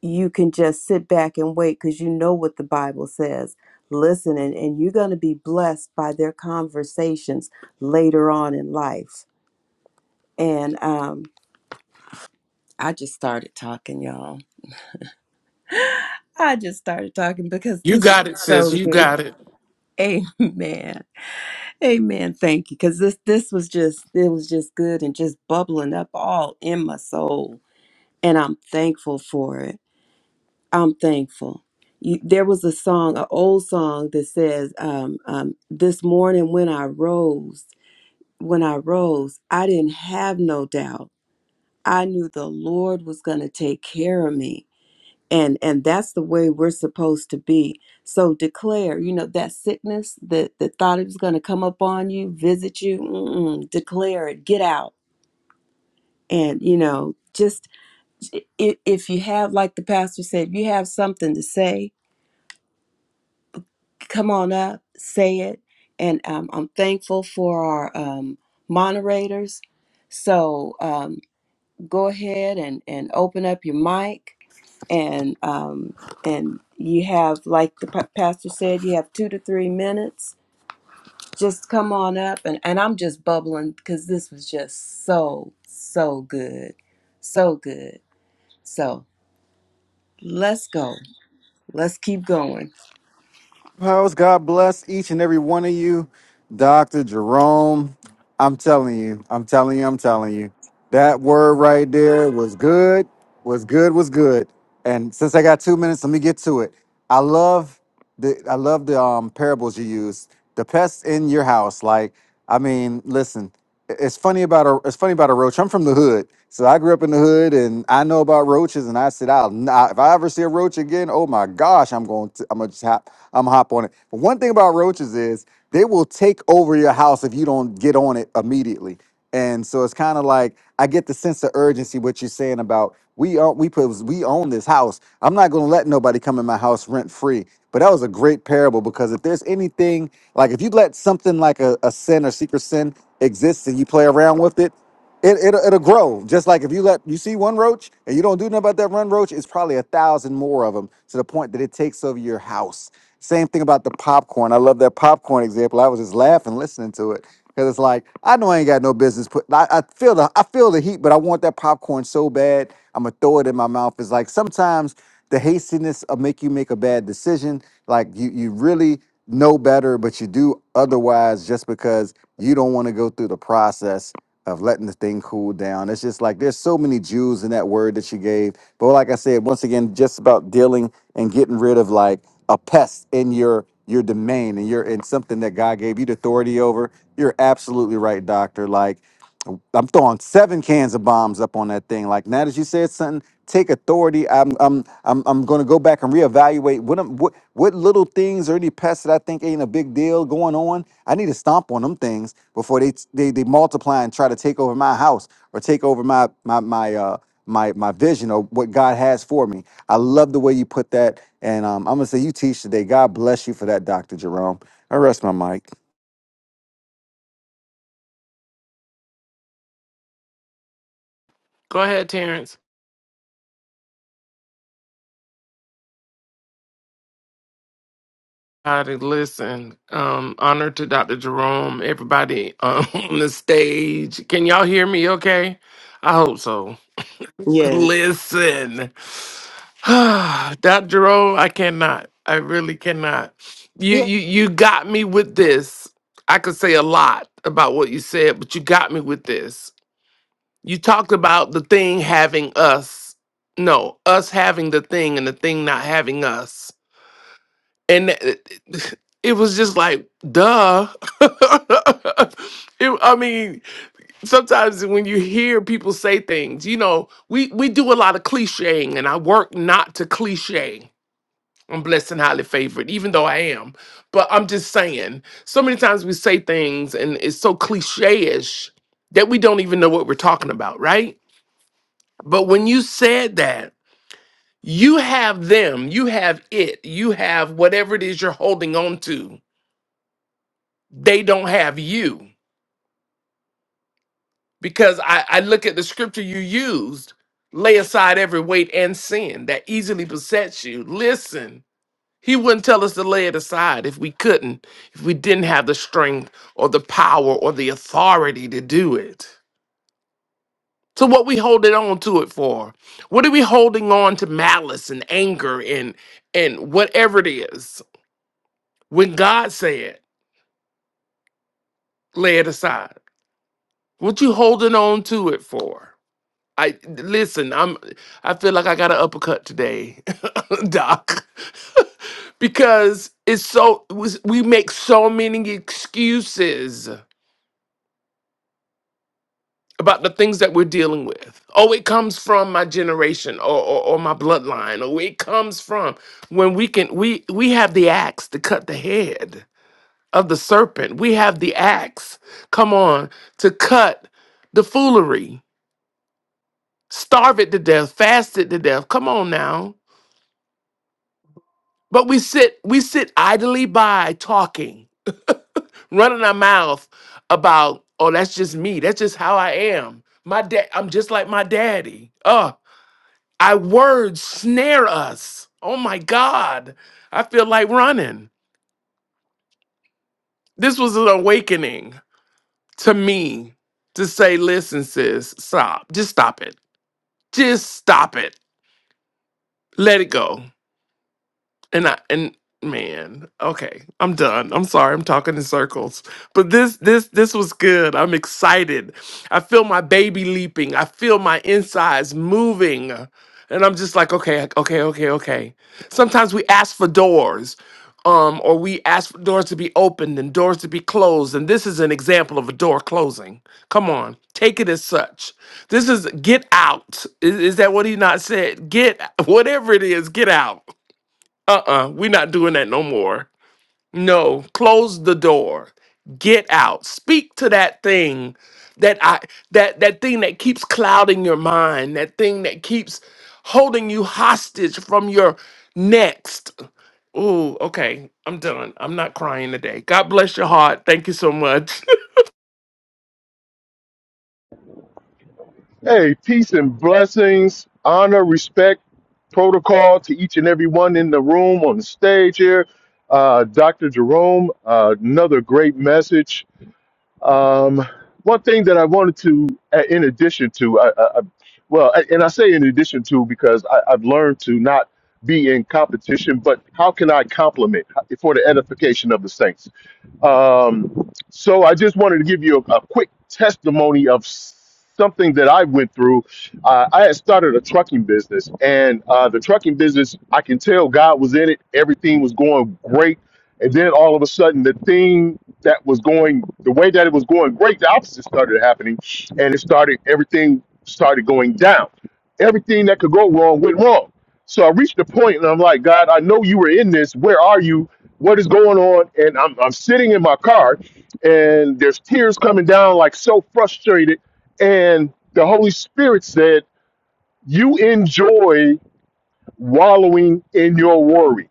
[SPEAKER 4] you can just sit back and wait because you know what the Bible says. Listen, and, and you're going to be blessed by their conversations later on in life. And um, I just started talking, y'all. I just started talking because
[SPEAKER 1] You
[SPEAKER 4] this is
[SPEAKER 1] got it, sis.
[SPEAKER 4] so
[SPEAKER 1] You
[SPEAKER 4] good.
[SPEAKER 1] got it.
[SPEAKER 4] Amen. Amen. Thank you. Cause this this was just it was just good and just bubbling up all in my soul. And I'm thankful for it. I'm thankful. You, there was a song, an old song that says, um, um, this morning when I rose, when I rose, I didn't have no doubt. I knew the Lord was gonna take care of me and and that's the way we're supposed to be so declare you know that sickness that the thought it was going to come up on you visit you mm-mm, declare it get out and you know just if, if you have like the pastor said if you have something to say come on up say it and um, i'm thankful for our um, moderators so um, go ahead and and open up your mic and um, and you have like the pa- pastor said you have two to three minutes just come on up and, and i'm just bubbling because this was just so so good so good so let's go let's keep going
[SPEAKER 7] House, God bless each and every one of you. Dr. Jerome, I'm telling you, I'm telling you, I'm telling you. That word right there was good, was good, was good. And since I got two minutes, let me get to it. I love the I love the um parables you use. The pests in your house. Like, I mean, listen, it's funny about a it's funny about a roach. I'm from the hood, so I grew up in the hood, and I know about roaches. And I said, "I'll not, if I ever see a roach again, oh my gosh, I'm going to I'm gonna just hop I'm gonna hop on it." But one thing about roaches is they will take over your house if you don't get on it immediately. And so it's kind of like I get the sense of urgency what you're saying about we own we put we own this house. I'm not gonna let nobody come in my house rent free. But that was a great parable because if there's anything like if you let something like a, a sin or secret sin exist and you play around with it, it it'll, it'll grow. Just like if you let you see one roach and you don't do nothing about that one roach, it's probably a thousand more of them to the point that it takes over your house. Same thing about the popcorn. I love that popcorn example. I was just laughing listening to it Cause it's like I know I ain't got no business. Put I, I feel the I feel the heat, but I want that popcorn so bad. I'm gonna throw it in my mouth. It's like sometimes the hastiness will make you make a bad decision. Like you you really know better, but you do otherwise just because you don't want to go through the process of letting the thing cool down. It's just like there's so many Jews in that word that she gave. But like I said, once again, just about dealing and getting rid of like a pest in your your domain and you're in something that God gave you the authority over. You're absolutely right, doctor. Like I'm. I'm throwing seven cans of bombs up on that thing. Like now that you said something, take authority. I'm I'm I'm I'm going to go back and reevaluate what I'm, what what little things or any pests that I think ain't a big deal going on. I need to stomp on them things before they they they multiply and try to take over my house or take over my my my uh my my vision or what God has for me. I love the way you put that, and um, I'm gonna say you teach today. God bless you for that, Doctor Jerome. I rest my mic.
[SPEAKER 1] Go ahead, Terrence. Got it. Listen, um, honor to Dr. Jerome, everybody um, on the stage. Can y'all hear me okay? I hope so.
[SPEAKER 2] Yes.
[SPEAKER 1] Listen, Dr. Jerome, I cannot. I really cannot.
[SPEAKER 8] Yeah.
[SPEAKER 1] You, you, you got me with this. I could say a lot about what you said, but you got me with this. You talked about the thing having us. No, us having the thing and the thing not having us. And it, it was just like, duh. It- I mean, sometimes when you hear people say things, you know, we, we do a lot of clicheing, and I work not to cliche. I'm blessed and highly favored, even though I am. But I'm just saying, so many times we say things and it's so cliche ish that we don't even know what we're talking about, right? But when you said that, you have them, you have it, you have whatever it is you're holding on to. They don't have you. Because I, I look at the scripture you used lay aside every weight and sin that easily besets you. Listen, he wouldn't tell us to lay it aside if we couldn't, if we didn't have the strength or the power or the authority to do it. So what we holding on to it for? What are we holding on to malice and anger and and whatever it is? When God said, lay it aside. What you holding on to it for? I listen, I'm I feel like I got an uppercut today, Doc, because it's so we we make so many excuses about the things that we're dealing with. Oh, it comes from my generation or, or, or my bloodline, or it comes from when we can we we have the axe to cut the head of the serpent. We have the axe, come on, to cut the foolery, starve it to death, fast it to death. Come on now. But we sit we sit idly by talking, running our mouth about, oh, that's just me. That's just how I am. My dad, I'm just like my daddy. Uh, I words snare us. Oh my God. I feel like running. This was an awakening to me to say, listen, sis, stop. Just stop it. Just stop it. Let it go. and I and man, okay, I'm done. I'm sorry, I'm talking in circles. But this this this was good. I'm excited. I feel my baby leaping. I feel my insides moving. And I'm just like, okay, okay, okay, okay. Sometimes we ask for doors. Um, or we ask for doors to be opened and doors to be closed. And this is an example of a door closing. Come on, take it as such. This is get out. Is, is that what he not said? Get whatever it is, get out uh-uh we're not doing that no more no close the door get out speak to that thing that i that that thing that keeps clouding your mind that thing that keeps holding you hostage from your next ooh okay i'm done i'm not crying today god bless your heart thank you so much
[SPEAKER 9] Hey, peace and blessings, honor, respect, protocol to each and every one in the room on the stage here. Uh, Dr. Jerome, uh, another great message. Um, one thing that I wanted to, uh, in addition to, I, I, I- well, I- and I say in addition to because I, I've learned to not be in competition, but how can I compliment for the edification of the saints? Um, so I just wanted to give you a, a quick testimony of something that I went through. Uh, I had started a trucking business, and uh, the trucking business, I can tell God was in it. Everything was going great, and then all of a sudden, the thing that was going the way that it was going great, the opposite started happening, and it started everything started going down. Everything that could go wrong went wrong. So I reached a point, and I'm like, God, I know you were in this. Where are you? what is going on and I'm, I'm sitting in my car and there's tears coming down like so frustrated and the holy spirit said you enjoy wallowing in your worry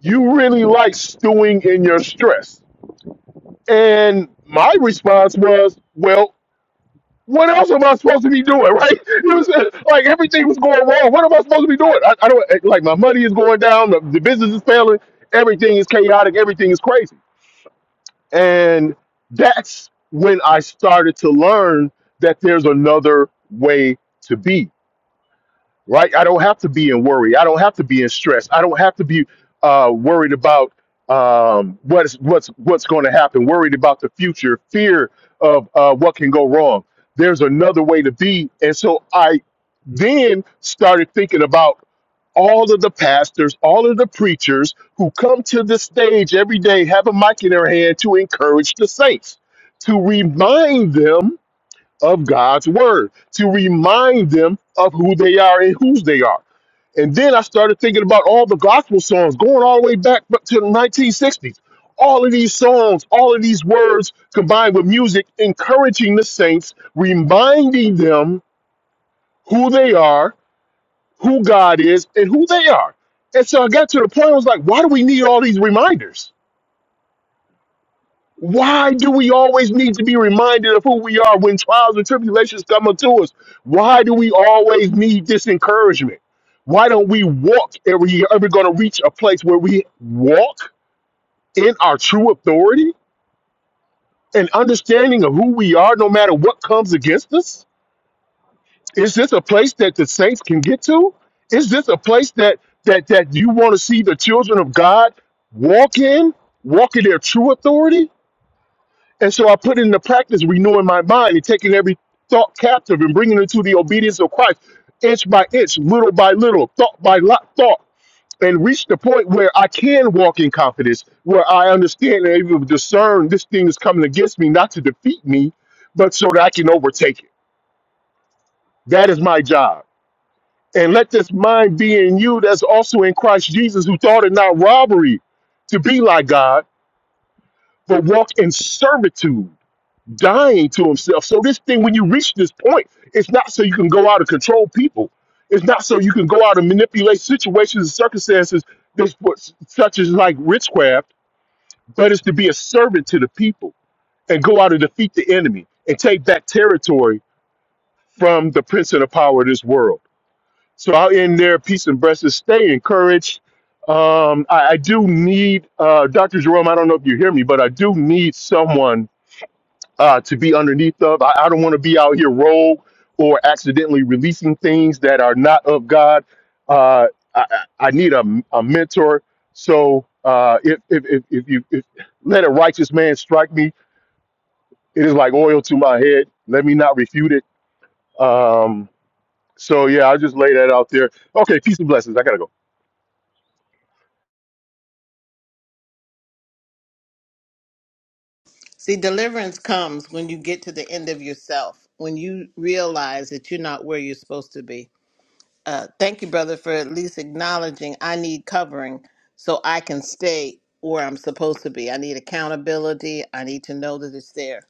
[SPEAKER 9] you really like stewing in your stress and my response was well what else am I supposed to be doing, right? It was uh, like everything was going wrong. What am I supposed to be doing? I, I don't like my money is going down, the, the business is failing, everything is chaotic, everything is crazy. And that's when I started to learn that there's another way to be, right? I don't have to be in worry. I don't have to be in stress. I don't have to be uh, worried about um, what's what's what's going to happen, worried about the future, fear of uh, what can go wrong. There's another way to be. And so I then started thinking about all of the pastors, all of the preachers who come to the stage every day have a mic in their hand to encourage the saints, to remind them of God's word, to remind them of who they are and whose they are. And then I started thinking about all the gospel songs going all the way back up to the 1960s. All of these songs, all of these words combined with music, encouraging the saints, reminding them who they are who God is and who they are. And so I got to the point I was like, why do we need all these reminders? Why do we always need to be reminded of who we are when trials and tribulations come unto us? Why do we always need this encouragement? Why don't we walk and we ever going to reach a place where we walk in our true authority and understanding of who we are no matter what comes against us? Is this a place that the saints can get to? Is this a place that that that you want to see the children of God walk in, walk in their true authority? And so I put it into practice, renewing my mind and taking every thought captive and bringing it to the obedience of Christ, inch by inch, little by little, thought by lo- thought, and reach the point where I can walk in confidence, where I understand and able to discern this thing is coming against me, not to defeat me, but so that I can overtake it. That is my job. And let this mind be in you that's also in Christ Jesus, who thought it not robbery to be like God, but walk in servitude, dying to himself. So, this thing, when you reach this point, it's not so you can go out and control people. It's not so you can go out and manipulate situations and circumstances this, such as like witchcraft, but it's to be a servant to the people and go out and defeat the enemy and take back territory from the prince of the power of this world. So I'll end there. Peace and blessings. Stay encouraged. Um, I, I do need uh, Dr. Jerome. I don't know if you hear me, but I do need someone uh, to be underneath of. I, I don't want to be out here rogue or accidentally releasing things that are not of God. Uh, I, I I need a, a mentor. So uh, if, if, if, if you if, let a righteous man strike me, it is like oil to my head. Let me not refute it. Um, so yeah, I'll just lay that out there. Okay, peace and blessings. I gotta go.
[SPEAKER 5] See, deliverance comes when you get to the end of yourself, when you realize that you're not where you're supposed to be. Uh, thank you, brother, for at least acknowledging I need covering so I can stay where I'm supposed to be. I need accountability. I need to know that it's there.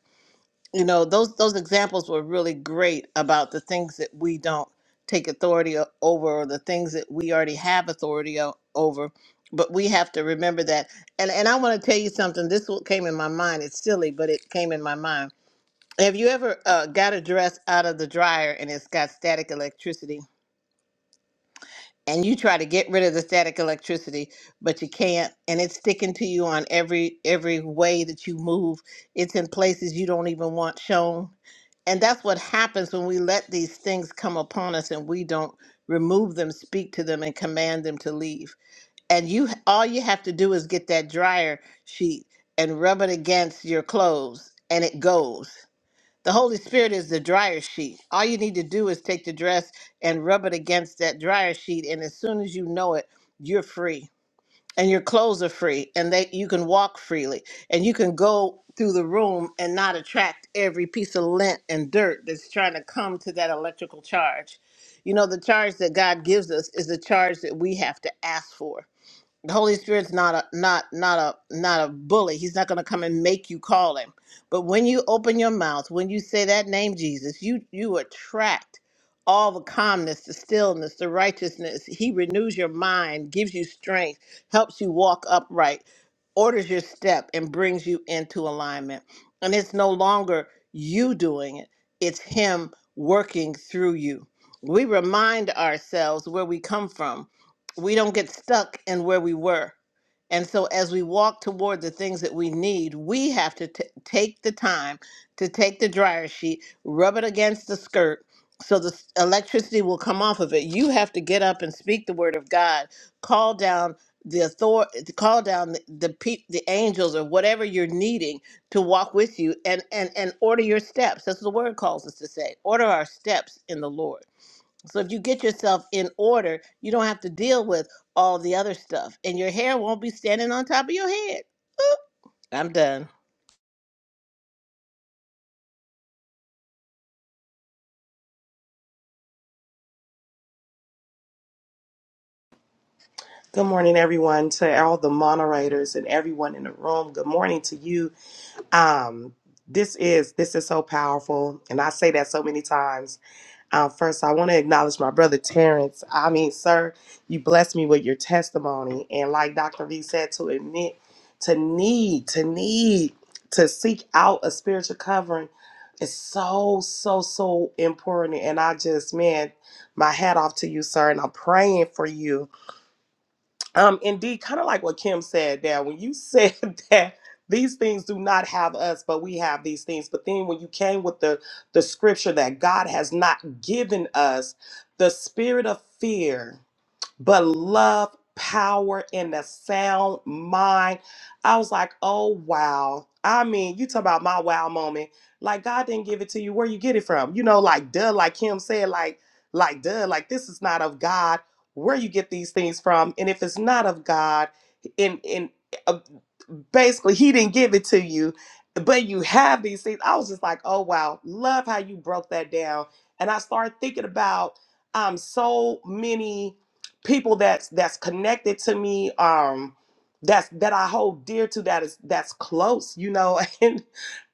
[SPEAKER 5] you know those those examples were really great about the things that we don't take authority o- over or the things that we already have authority o- over but we have to remember that and and i want to tell you something this what came in my mind it's silly but it came in my mind have you ever uh, got a dress out of the dryer and it's got static electricity and you try to get rid of the static electricity but you can't and it's sticking to you on every every way that you move it's in places you don't even want shown and that's what happens when we let these things come upon us and we don't remove them, speak to them, and command them to leave. And you, all you have to do is get that dryer sheet and rub it against your clothes, and it goes. The Holy Spirit is the dryer sheet. All you need to do is take the dress and rub it against that dryer sheet, and as soon as you know it, you're free and your clothes are free and that you can walk freely and you can go through the room and not attract every piece of lint and dirt that's trying to come to that electrical charge. You know, the charge that God gives us is the charge that we have to ask for the Holy Spirit's not a not not a not a bully. He's not going to come and make you call him. But when you open your mouth, when you say that name Jesus, you you attract all the calmness, the stillness, the righteousness. He renews your mind, gives you strength, helps you walk upright, orders your step and brings you into alignment. And it's no longer you doing it. It's him working through you. We remind ourselves where we come from we don't get stuck in where we were. And so, as we walk toward the things that we need, we have to t- take the time to take the dryer sheet, rub it against the skirt so the s- electricity will come off of it. You have to get up and speak the word of God, call down the author call down the the, pe- the angels or whatever you're needing to walk with you and and and order your steps that's what the word calls us to say order our steps in the lord so if you get yourself in order, you don't have to deal with all the other stuff, and your hair won't be standing on top of your head. Oop, I'm done.
[SPEAKER 2] Good morning, everyone, to all the moderators and everyone in the room. Good morning to you. Um, this is this is so powerful, and I say that so many times. Um, first, I want to acknowledge my brother Terrence. I mean, sir, you blessed me with your testimony, and like Dr. V said, to admit, to need, to need, to seek out a spiritual covering is so so so important. And I just, man, my hat off to you, sir, and I'm praying for you um indeed kind of like what kim said there when you said that these things do not have us but we have these things but then when you came with the the scripture that god has not given us the spirit of fear but love, power, and a sound mind. I was like, oh wow. I mean, you talk about my wow moment. Like God didn't give it to you. Where you get it from? You know, like duh, like Kim said, like, like duh, like this is not of God. Where you get these things from? And if it's not of God, and and uh, basically He didn't give it to you, but you have these things. I was just like, oh wow, love how you broke that down. And I started thinking about um so many people that's that's connected to me um that's that I hold dear to that is that's close you know and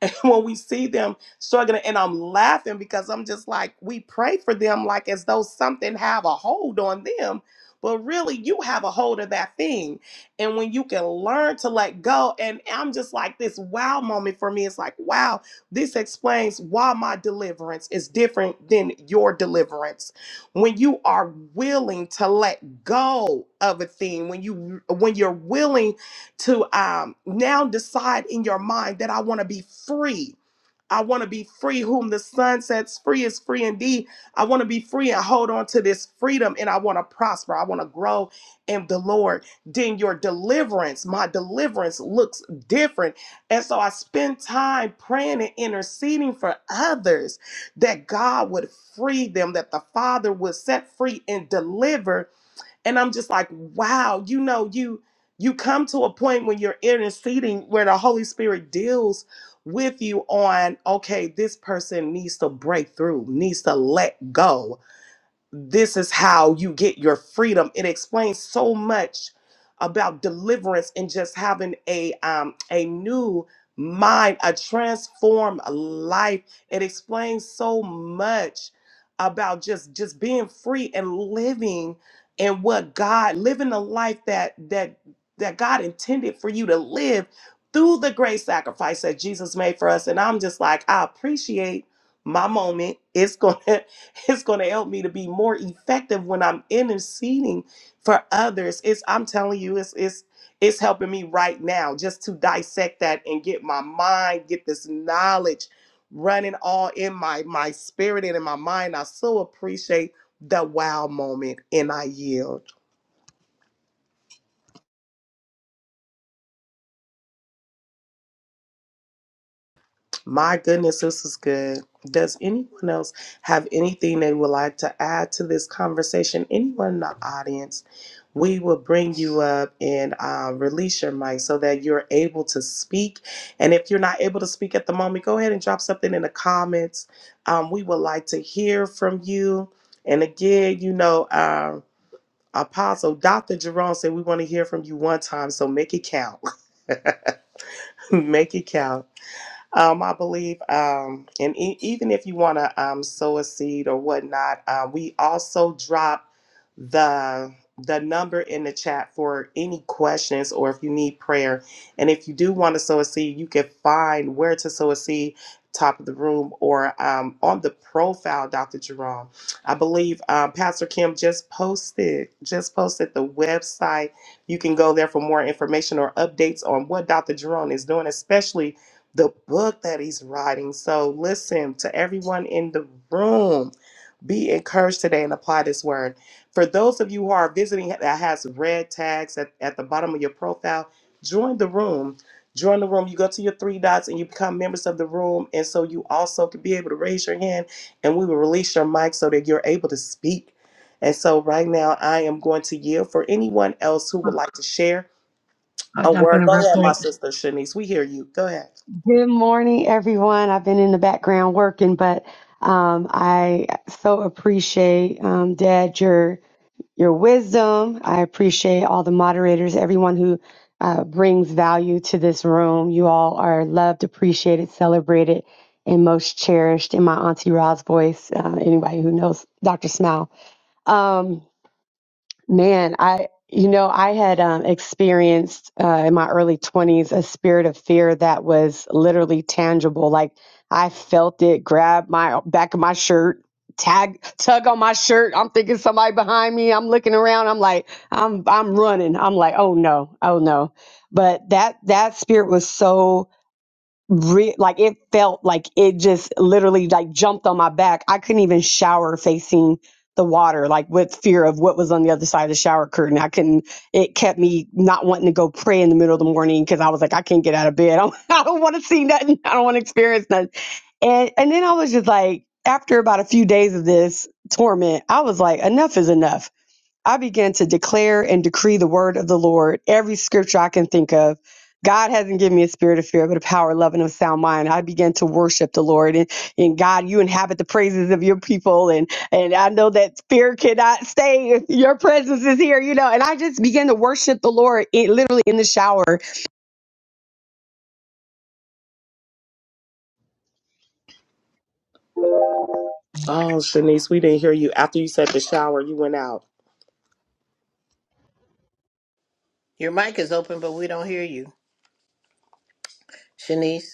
[SPEAKER 2] and when we see them struggling and I'm laughing because I'm just like we pray for them like as though something have a hold on them but really you have a hold of that thing and when you can learn to let go and I'm just like this wow moment for me it's like wow this explains why my deliverance is different than your deliverance when you are willing to let go of a thing when you when you're willing to um now decide in your mind that I want to be free I want to be free. Whom the Son sets free is free indeed. I want to be free and hold on to this freedom and I want to prosper. I want to grow in the Lord. Then your deliverance, my deliverance looks different. And so I spend time praying and interceding for others that God would free them, that the Father would set free and deliver. And I'm just like, wow, you know, you you come to a point when you're interceding where the Holy Spirit deals with you on, okay, this person needs to break through, needs to let go this is how you get your freedom. It explains so much about deliverance and just having a um, a new mind, a transformed life. It explains so much about just just being free and living and what God living the life that that that God intended for you to live through the great sacrifice that Jesus made for us. And I'm just like, I appreciate my moment. It's going It's going to help me to be more effective when I'm interceding for others. It's I'm telling you, it's it's it's helping me right now just to dissect that and get my mind, get this knowledge running all in my my spirit and in my mind. I so appreciate the wow moment and I yield. My goodness, this is good. Does anyone else have anything they would like to add to this conversation? Anyone in the audience, we will bring you up and uh, release your mic so that you're able to speak. And if you're not able to speak at the moment, go ahead and drop something in the comments. Um, we would like to hear from you. And again, you know, uh, Apostle Dr. Jerome said we want to hear from you one time, so make it count. make it count. Um, I believe, um, and e- even if you want to um, sow a seed or whatnot, uh, we also drop the the number in the chat for any questions or if you need prayer. And if you do want to sow a seed, you can find where to sow a seed, top of the room or um, on the profile, Dr. Jerome. I believe um, Pastor Kim just posted just posted the website. You can go there for more information or updates on what Dr. Jerome is doing, especially the book that he's writing. So, listen to everyone in the room. Be encouraged today and apply this word. For those of you who are visiting that has red tags at, at the bottom of your profile, join the room. Join the room. You go to your three dots and you become members of the room. And so you also can be able to raise your hand and we will release your mic so that you're able to speak. And so right now I am going to yield for anyone else who would like to share
[SPEAKER 10] I'll
[SPEAKER 2] a
[SPEAKER 10] jump in
[SPEAKER 2] word. Go
[SPEAKER 10] real
[SPEAKER 2] ahead, my
[SPEAKER 10] quick.
[SPEAKER 2] sister Shanice. We hear you. Go ahead.
[SPEAKER 10] Good morning, everyone. I've been in the background working, but um, I so appreciate, um, Dad, your your wisdom. I appreciate all the moderators, everyone who uh, brings value to this room. You all are loved, appreciated, celebrated, and most cherished in my Auntie Ra's voice. Uh, anybody who knows Dr. Smile. Um, Man, I you know I had um, experienced uh, in my early twenties a spirit of fear that was literally tangible. Like I felt it grab my back of my shirt, tag tug on my shirt. I'm thinking somebody behind me. I'm looking around. I'm like I'm I'm running. I'm like oh no, oh no. But that that spirit was so re- like it felt like it just literally like jumped on my back. I couldn't even shower facing the water, like with fear of what was on the other side of the shower curtain. I couldn't, it kept me not wanting to go pray in the middle of the morning because I was like, I can't get out of bed. I don't, I don't want to see nothing. I don't want to experience nothing. And, and then I was just like, after about a few days of this torment, I was like, enough is enough. I began to declare and decree the word of the Lord, every scripture I can think of. God hasn't given me a spirit of fear, but a power, love, and of sound mind. I began to worship the Lord. And, and God, you inhabit the praises of your people. And, and I know that fear cannot stay if your presence is here, you know. And I just began to worship the Lord in, literally in the shower.
[SPEAKER 2] Oh, Shanice, we didn't hear you. After you said the shower, you went out.
[SPEAKER 5] Your mic is open, but we don't hear you, Shanice.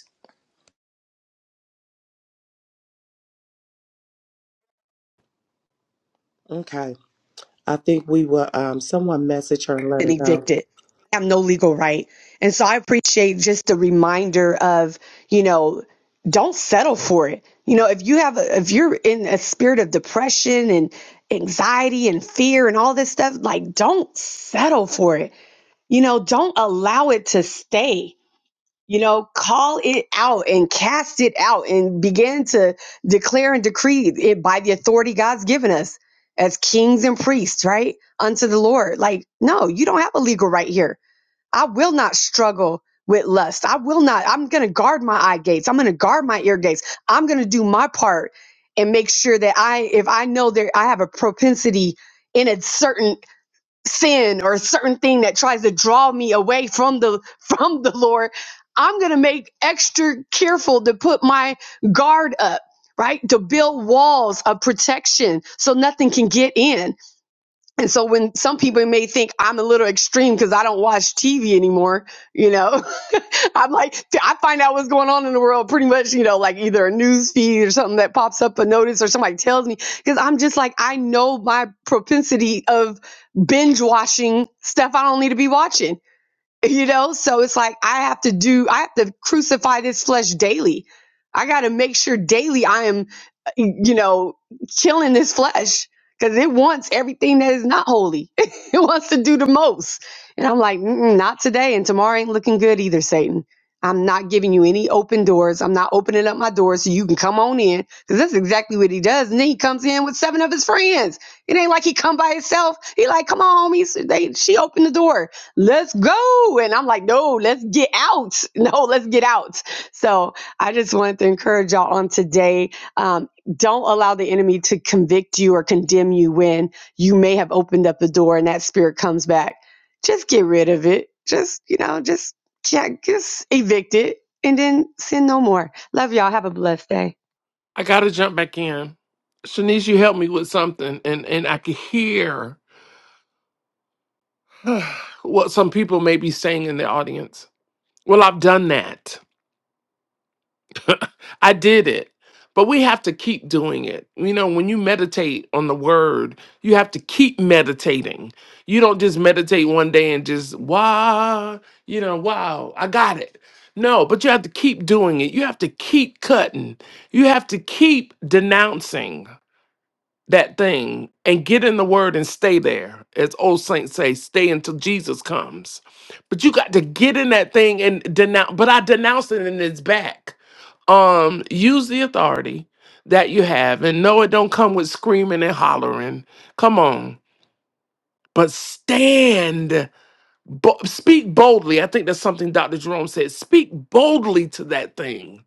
[SPEAKER 2] Okay. I think we will um someone message her and let
[SPEAKER 10] been
[SPEAKER 2] her know.
[SPEAKER 10] evicted. They have no legal right. And so I appreciate just the reminder of, you know, don't settle for it. You know, if you have, a, if you're in a spirit of depression and anxiety and fear and all this stuff, like don't settle for it. You know, don't allow it to stay you know, call it out and cast it out and begin to declare and decree it by the authority God's given us as kings and priests, right? Unto the Lord. Like, no, you don't have a legal right here. I will not struggle with lust. I will not. I'm going to guard my eye gates. I'm going to guard my ear gates. I'm going to do my part and make sure that I, if I know that I have a propensity in a certain sin or a certain thing that tries to draw me away from the from the Lord, I'm going to make extra careful to put my guard up, right? To build walls of protection so nothing can get in. And so when some people may think I'm a little extreme because I don't watch TV anymore, you know, I'm like, I find out what's going on in the world pretty much, you know, like either a news feed or something that pops up a notice or somebody tells me because I'm just like, I know my propensity of binge watching stuff I don't need to be watching you know, so it's like I have to do, I have to crucify this flesh daily. I got to make sure daily I am, you know, killing this flesh because it wants everything that is not holy. it wants to do the most. And I'm like, Mm-mm, not today. And tomorrow ain't looking good either, Satan. I'm not giving you any open doors. I'm not opening up my doors so you can come on in because that's exactly what he does. And then he comes in with seven of his friends. It ain't like he come by himself. He like, come on, homies. They, she opened the door let's go. And I'm like, no, let's get out. No, let's get out. So I just wanted to encourage y'all on today. Um, don't allow the enemy to convict you or condemn you when you may have opened up the door and that spirit comes back. Just get rid of it. Just, you know, just, yeah, just evict it and then sin no more. Love y'all. Have a blessed day.
[SPEAKER 1] i gotta jump back in shanice you helped me with something and and i could hear what some people may be saying in the audience well i've done that I did it. But we have to keep doing it. You know, when you meditate on the word, you have to keep meditating. You don't just meditate one day and just, wow, you know, wow, I got it. No, but you have to keep doing it. You have to keep cutting. You have to keep denouncing that thing and get in the word and stay there. As old saints say, stay until Jesus comes. But you got to get in that thing and denounce. But I denounce it and it's back um use the authority that you have and no it don't come with screaming and hollering come on but stand bo- speak boldly i think that's something dr jerome said speak boldly to that thing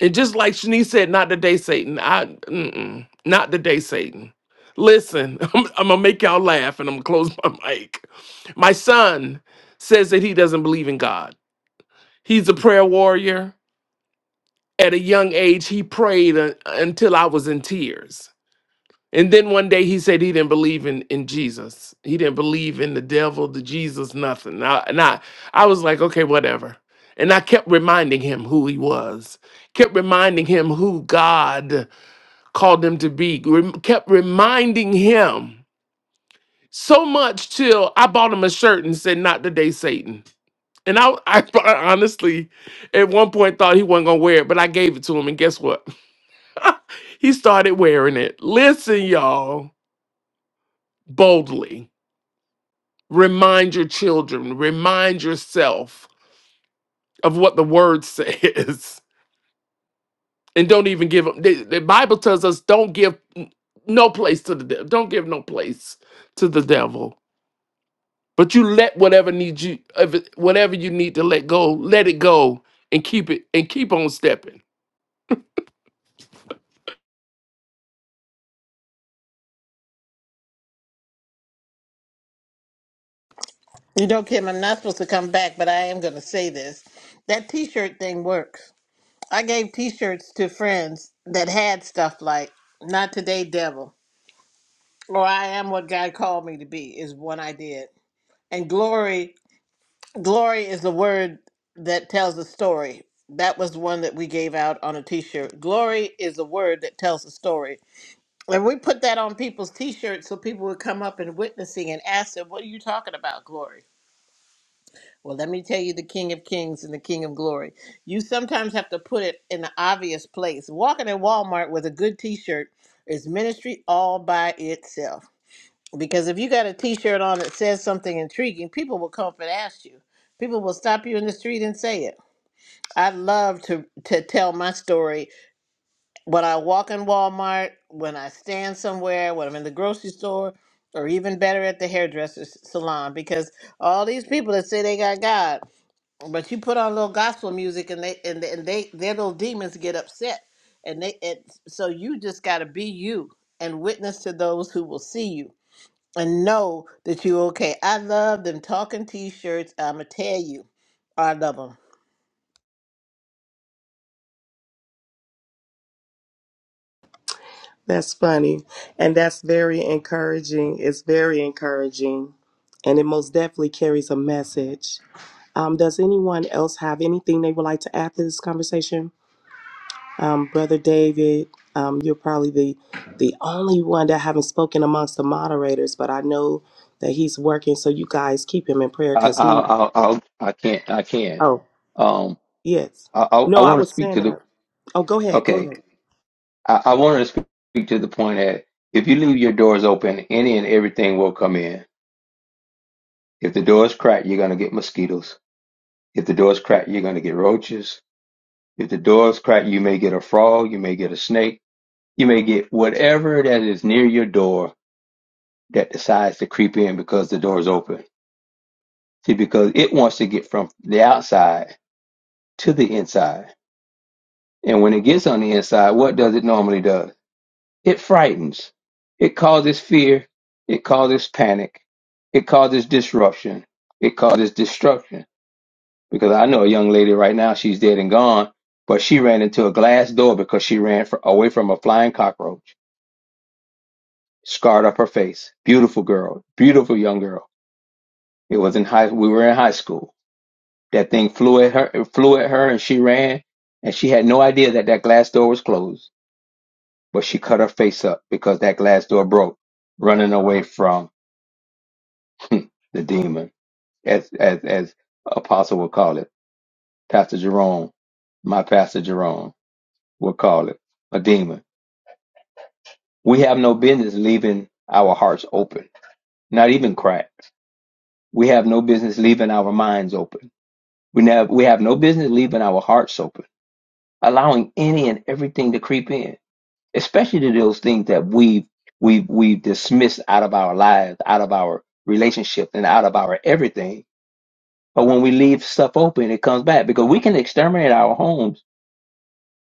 [SPEAKER 1] and just like shanice said not today satan i mm-mm, not today satan listen I'm, I'm gonna make y'all laugh and i'm gonna close my mic my son says that he doesn't believe in god he's a prayer warrior at a young age, he prayed uh, until I was in tears. And then one day he said he didn't believe in, in Jesus. He didn't believe in the devil, the Jesus, nothing. I, and I, I was like, okay, whatever. And I kept reminding him who he was, kept reminding him who God called him to be, rem- kept reminding him so much till I bought him a shirt and said, not today, Satan. And I, I honestly, at one point thought he wasn't gonna wear it, but I gave it to him, and guess what? He started wearing it. Listen, y'all, boldly. Remind your children, remind yourself of what the word says. And don't even give them. The, the Bible tells us don't give n- no place to the devil. Don't give no place to the devil. But you let whatever need you, of it- whatever you need to let go, let it go and keep it and keep on stepping
[SPEAKER 5] You know, Kim, I'm not supposed to come back, but I am going to say this. That T-shirt thing works. I gave T-shirts to friends that had stuff like "Not Today, Devil" or "I Am What God Called Me to Be" is one I did, and glory. Glory is the word that tells a story. That was the one that we gave out on a t shirt. Glory is the word that tells a story. And we put that on people's t shirts so people would come up and witnessing and ask them, What are you talking about, glory? Well, let me tell you the King of Kings and the King of Glory. You sometimes have to put it in the obvious place. Walking in Walmart with a good t shirt is ministry all by itself. Because if you got a T-shirt on that says something intriguing, people will come up and ask you. People will stop you in the street and say it. I love to to tell my story when I walk in Walmart, when I stand somewhere, when I'm in the grocery store, or even better at the hairdresser's salon. Because all these people that say they got God, but you put on a little gospel music and they and they, and they their little demons get upset, and they and so you just got to be you and witness to those who will see you and know that you okay. I love them talking t-shirts. I'ma tell you, I love them.
[SPEAKER 2] That's funny. And that's very encouraging. It's very encouraging. And it most definitely carries a message. Um, does anyone else have anything they would like to add to this conversation? Um, Brother David, um, you're probably the the only one that haven't spoken amongst the moderators, but I know that he's working, so you guys keep him in prayer
[SPEAKER 3] I I
[SPEAKER 2] because he
[SPEAKER 3] I I'll- I can't I can.
[SPEAKER 2] oh
[SPEAKER 3] Um,
[SPEAKER 2] Yes.
[SPEAKER 3] I I, I
[SPEAKER 2] No, I
[SPEAKER 3] want to
[SPEAKER 2] was
[SPEAKER 3] speak
[SPEAKER 2] saying
[SPEAKER 3] to the
[SPEAKER 2] that. Oh, go ahead. Go
[SPEAKER 3] okay.
[SPEAKER 2] ahead.
[SPEAKER 3] I, I want to speak speak to the point that if you leave your doors open, any and everything will come in. If the door is cracked, you're gonna get mosquitoes. If the door is cracked, you're gonna get roaches. If the door is cracked, you may get a frog. You may get a snake. You may get whatever that is near your door that decides to creep in because the door is open. See, because it wants to get from the outside to the inside. And when it gets on the inside, what does it normally do? It frightens. It causes fear. It causes panic. It causes disruption. It causes destruction. Because I know a young lady right now, she's dead and gone, but she ran into a glass door because she ran fr away from a flying cockroach. Scarred up her face. Beautiful girl. Beautiful young girl. It was in high, we were in high school That thing flew at her, flew at her, and she ran. And she had no idea that that glass door was closed, but she cut her face up because that glass door broke, running away from the demon, as as as Apostle would call it, Pastor Jerome, my Pastor Jerome would call it a demon. We have no business leaving our hearts open, not even cracked. We have no business leaving our minds open. We never, we have no business leaving our hearts open, allowing any and everything to creep in especially to those things that we've we've we've dismissed out of our lives, out of our relationship, and out of our everything. But when we leave stuff open, it comes back because we can exterminate our homes,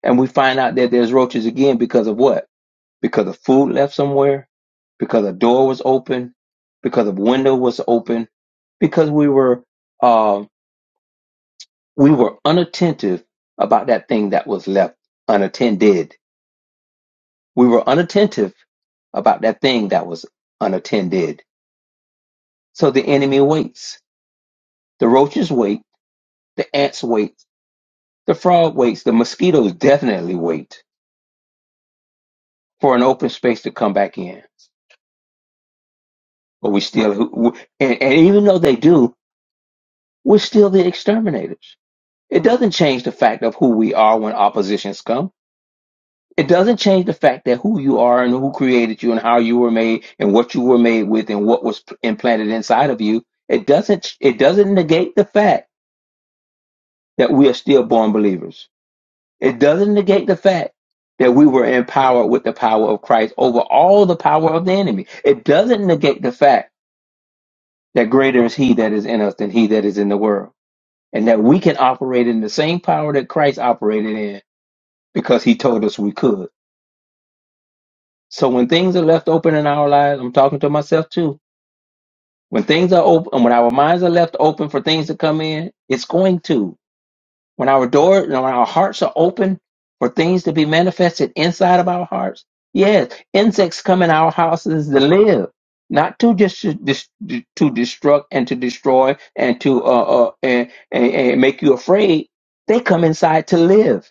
[SPEAKER 3] and we find out that there's roaches again because of what? Because of food left somewhere, because a door was open, because a window was open, because we were um, we were unattentive about that thing that was left unattended We were unattentive about that thing that was unattended. So the enemy waits. The roaches wait. The ants wait. The frog waits. The mosquitoes definitely wait for an open space to come back in. But we still, we- and, and even though they do, we're still the exterminators. It doesn't change the fact of who we are when oppositions come It doesn't change the fact that who you are and who created you and how you were made and what you were made with and what was implanted inside of you. It doesn't it doesn't negate the fact that we are still born believers. It doesn't negate the fact that we were empowered with the power of Christ over all the power of the enemy. It doesn't negate the fact that greater is he that is in us than he that is in the world. And that we can operate in the same power that Christ operated in because he told us we could So when things are left open in our lives, I'm talking to myself too. When things are open, and when our minds are left open for things to come in, it's going to. When our door, when our hearts are open for things to be manifested inside of our hearts, yes, insects come in our houses to live, not to just to, dis- to destruct and to destroy and to uh, uh and, and, and make you afraid. They come inside to live,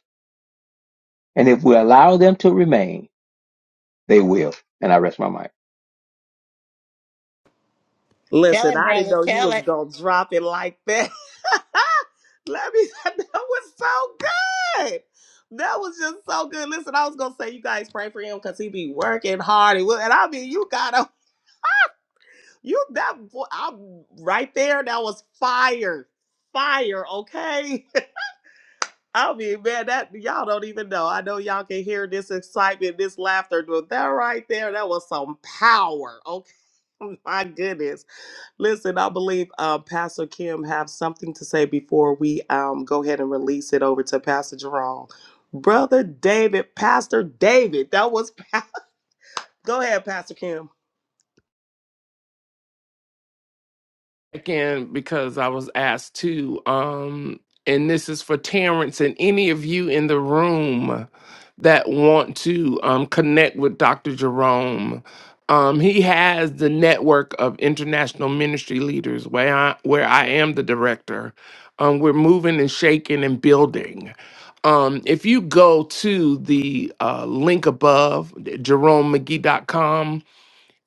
[SPEAKER 3] and if we allow them to remain, they will. And I rest my mind.
[SPEAKER 5] Tell
[SPEAKER 2] Listen,
[SPEAKER 5] it,
[SPEAKER 2] I didn't
[SPEAKER 5] brother.
[SPEAKER 2] know you
[SPEAKER 5] Tell
[SPEAKER 2] was
[SPEAKER 5] it.
[SPEAKER 2] gonna drop it like that. Let me. That was so good. That was just so good. Listen, I was gonna say you guys pray for him because he be working hard. And, and I mean, you gotta you that vo- I'm right there. That was fire, fire. Okay. I mean, man, that y'all don't even know. I know y'all can hear this excitement, this laughter, but that right there, that was some power. Okay, my goodness. Listen, I believe uh, Pastor Kim have something to say before we um, go ahead and release it over to Pastor Jerome. Brother David, Pastor David, that was pa- go ahead, Pastor Kim.
[SPEAKER 1] again because I was asked to. Um, and this is for Terrence and any of you in the room that want to um, connect with Dr. Jerome. Um, he has the network of international ministry leaders where I, where I am the director. Um, we're moving and shaking and building. Um, if you go to the uh, link above, jeromemcgee.com,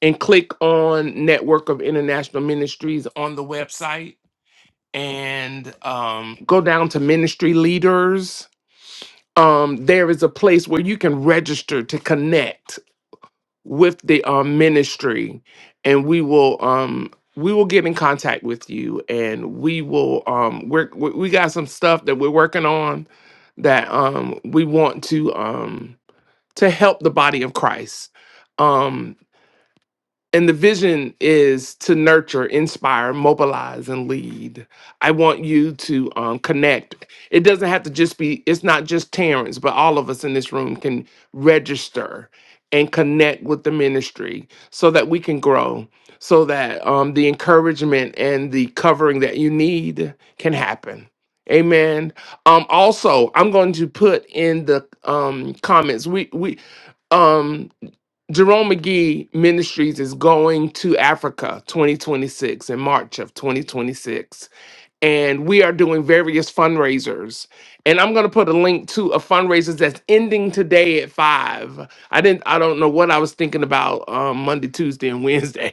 [SPEAKER 1] and click on Network of International Ministries on the website and um, go down to Ministry Leaders. Um, there is a place where you can register to connect with the um, ministry, and we will um, we will get in contact with you, and we will um, we're, we we got some stuff that we're working on that um, we want to um, to help the body of Christ. Um, And the vision is to nurture, inspire, mobilize, and lead. I want you to um, connect. It doesn't have to just be, it's not just Terrence, but all of us in this room can register and connect with the ministry so that we can grow, so that um, the encouragement and the covering that you need can happen. Amen. Um, also, I'm going to put in the um, comments. We we um Jerome McGee Ministries is going to Africa 2026 in March of 2026. And we are doing various fundraisers. And I'm going to put a link to a fundraiser that's ending today at five. I didn't, I don't know what I was thinking about um, Monday, Tuesday, and Wednesday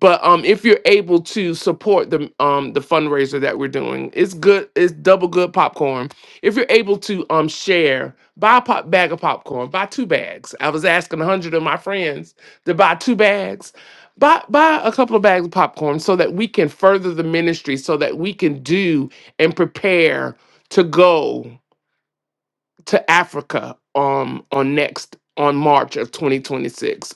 [SPEAKER 1] but um if you're able to support the um the fundraiser that we're doing it's good it's double good popcorn if you're able to um share buy a pop bag of popcorn buy two bags i was asking 100 of my friends to buy two bags buy buy a couple of bags of popcorn so that we can further the ministry so that we can do and prepare to go to africa um on next on march of 2026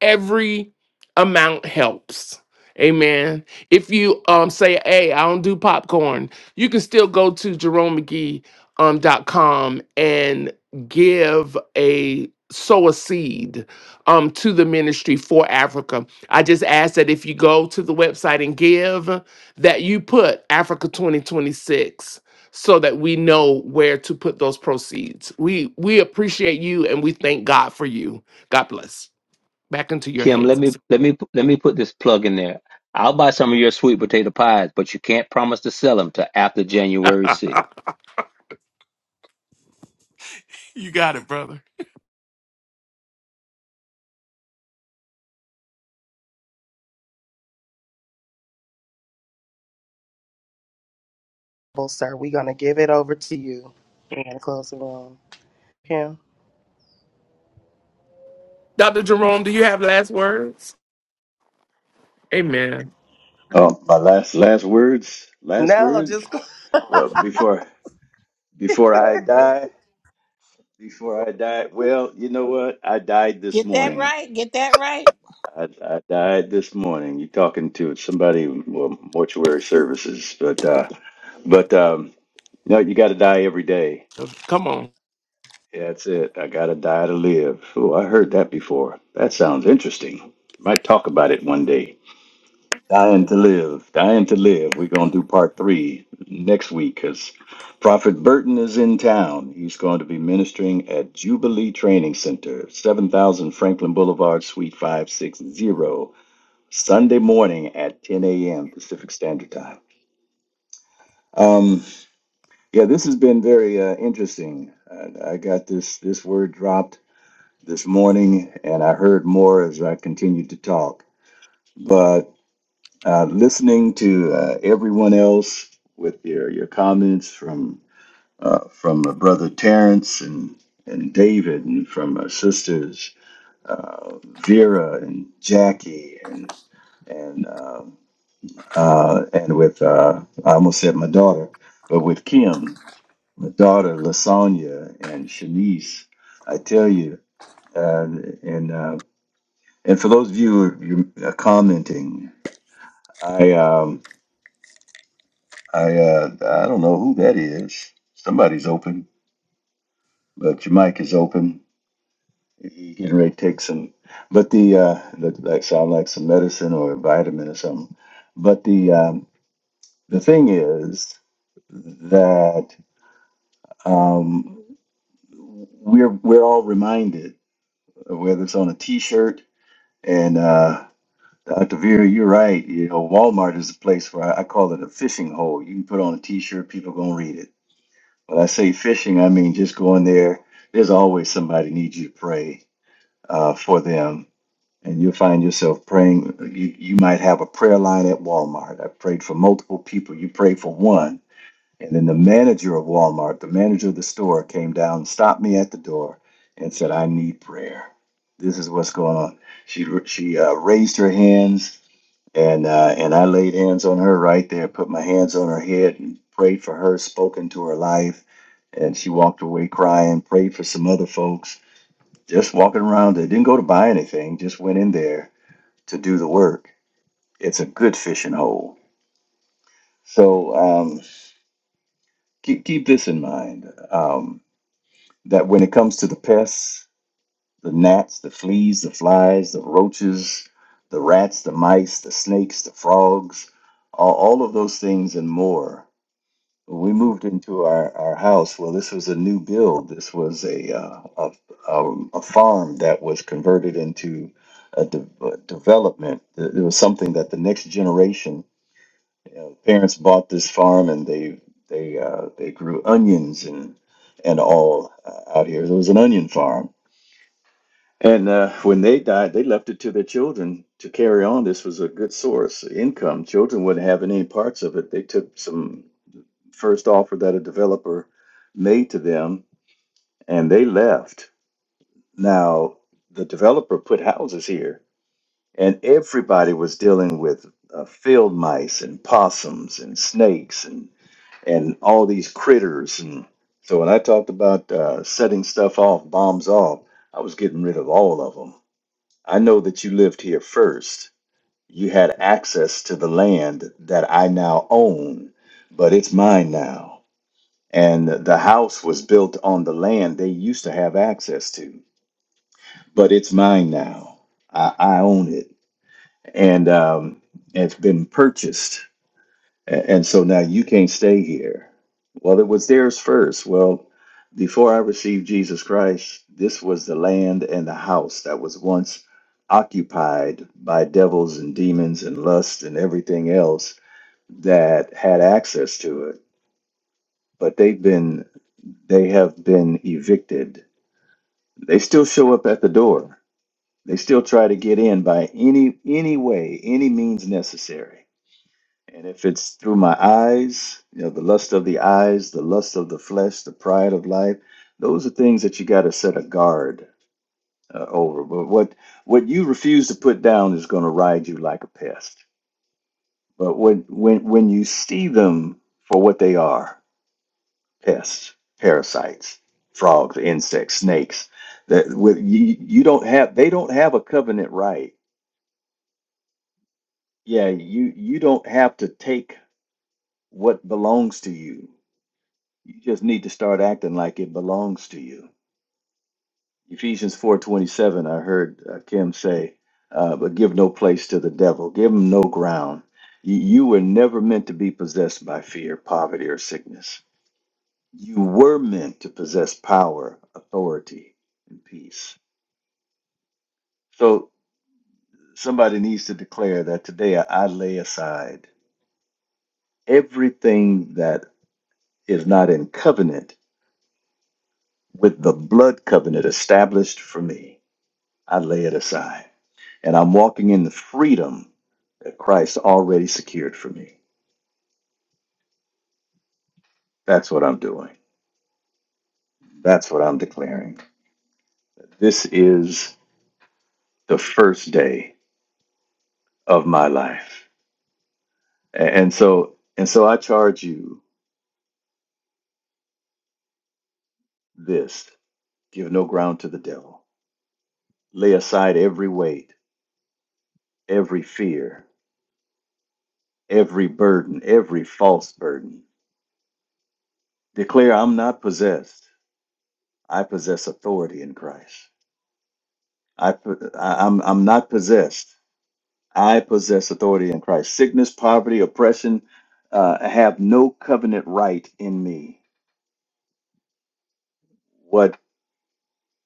[SPEAKER 1] every amount helps amen if you um say hey i don't do popcorn you can still go to jerome mcgee dot com um dot com and give a sow a seed um to the ministry for africa i just ask that if you go to the website and give that you put africa 2026 so that we know where to put those proceeds we we appreciate you and we thank god for you god bless Back into your
[SPEAKER 3] Kim, let
[SPEAKER 1] hands.
[SPEAKER 3] me let me let me put this plug in there. I'll buy some of your sweet potato pies, but you can't promise to sell them till after January 6th.
[SPEAKER 1] You got it, brother.
[SPEAKER 2] Well, sir, we're gonna give it over to you. and close the room. Kim?
[SPEAKER 1] Dr. Jerome, do you have last words? Amen.
[SPEAKER 6] Oh, my last last words. Last
[SPEAKER 2] No, just
[SPEAKER 6] words. Well, before before I die, before I die. Well, you know what? I died this
[SPEAKER 5] Get that
[SPEAKER 6] morning.
[SPEAKER 5] right. Get that right.
[SPEAKER 6] I, I died this morning. You're talking to somebody well, mortuary services, but uh, but um, no, you got to die every day.
[SPEAKER 1] Come on.
[SPEAKER 6] Yeah, or thing. My day, dying to live, dying to live. We're gonna do part three. This profitably train zero at 10 a.m. Pacific Standard Time. Um, yeah, this has been very uh, interesting. I, I got this this word dropped this morning, and I heard more as I continued to talk. but. uh, listening to uh, everyone else with your, your comments from uh, from uh, brother Terrence and and David and from our sisters uh, Vera and Jackie and and uh, uh, and with uh, I almost said my daughter, but with Kim, my daughter Lasagna and Shanice, I tell you, uh, and uh, and for those of you who are you're, uh, commenting, I. Um, I uh, I don't know who that is. Somebody's open, but your mic is open. You getting ready to take some, but the uh, that, that sound like some medicine or a vitamin or something. But the um, the thing is that um, we're we're all reminded whether it's on a T-shirt and uh, Dr. Vera, you're right. You know, Walmart is a place where I, I call it a fishing hole. You can put on a T-shirt, people gonna read it When I say fishing, I mean just going there. There's always somebody needs you to pray uh, for them, and you'll find yourself praying. You you might have a prayer line at Walmart. I prayed for multiple people. You prayed for one, and then the manager of Walmart, the manager of the store, came down, stopped me at the door, and said, "I need prayer. This is what's going on." She she uh, raised her hands and uh, and I laid hands on her right there, put my hands on her head, and prayed for her, spoke into her life, and she walked away crying. Prayed for some other folks, just walking around. They didn't go to buy anything, just went in there to do the work. It's a good fishing hole. So um, keep keep this in mind um, that when it comes to the pests, the gnats, the fleas, the flies, the roaches, the rats, the mice, the snakes, the frogs, all, all of those things and more when we moved into our, our house, well, this was a new build. This was a uh, a, um, a farm that was converted into a, de- a development. It it was something that the next generation you know, parents bought this farm and they they uh, they grew onions and and all uh, out here. It was an onion farm. And uh, when they died, they left it to their children to carry on. This was a good source of income. Children wouldn't have any parts of it. They took some first offer that a developer made to them and they left. Now, the developer put houses here and everybody was dealing with uh, field mice and possums and snakes and, and all these critters. And so when I talked about uh, setting stuff off, bombs off, I was getting rid of all of them. I know that you lived here first. You had access to the land that I now own, but it's mine now and the house was built on the land they used to have access to, but it's mine now. I, I own it, and um, it's been purchased, A- and so now you can't stay here. Well, it was theirs first. Well, before I received Jesus Christ, this was the land and the house that was once occupied by devils and demons and lust and everything else that had access to it. But they've been they have been evicted They still show up at the door. They still try to get in by any any way, any means necessary. And if it's through my eyes, you know, the lust of the eyes, the lust of the flesh, the pride of life, those are things that you got to set a guard uh, over. But what what you refuse to put down is going to ride you like a pest. But when when when you see them for what they are, pests, parasites, frogs, insects, snakes. That with you, you don't have they don't have a covenant right. Yeah, you you don't have to take what belongs to you. You just need to start acting like it belongs to you. Ephesians 4:27 I heard uh, Kim say, uh, but give no place to the devil. Give him no ground. You, you were never meant to be possessed by fear, poverty or sickness. You were meant to possess power, authority, and peace So somebody needs to declare that today I lay aside everything that is not in covenant with the blood covenant established for me. I lay it aside. And I'm walking in the freedom that Christ already secured for me. That's what I'm doing. That's what I'm declaring. This is the first day of my life. A- And so and so I charge you this. Give no ground to the devil. Lay aside every weight every fear, every burden, every false burden. Declare, I'm not possessed. I possess authority in Christ. I, I'm, I'm not possessed. I possess authority in Christ. Sickness, poverty, oppression uh, have no covenant right in me. What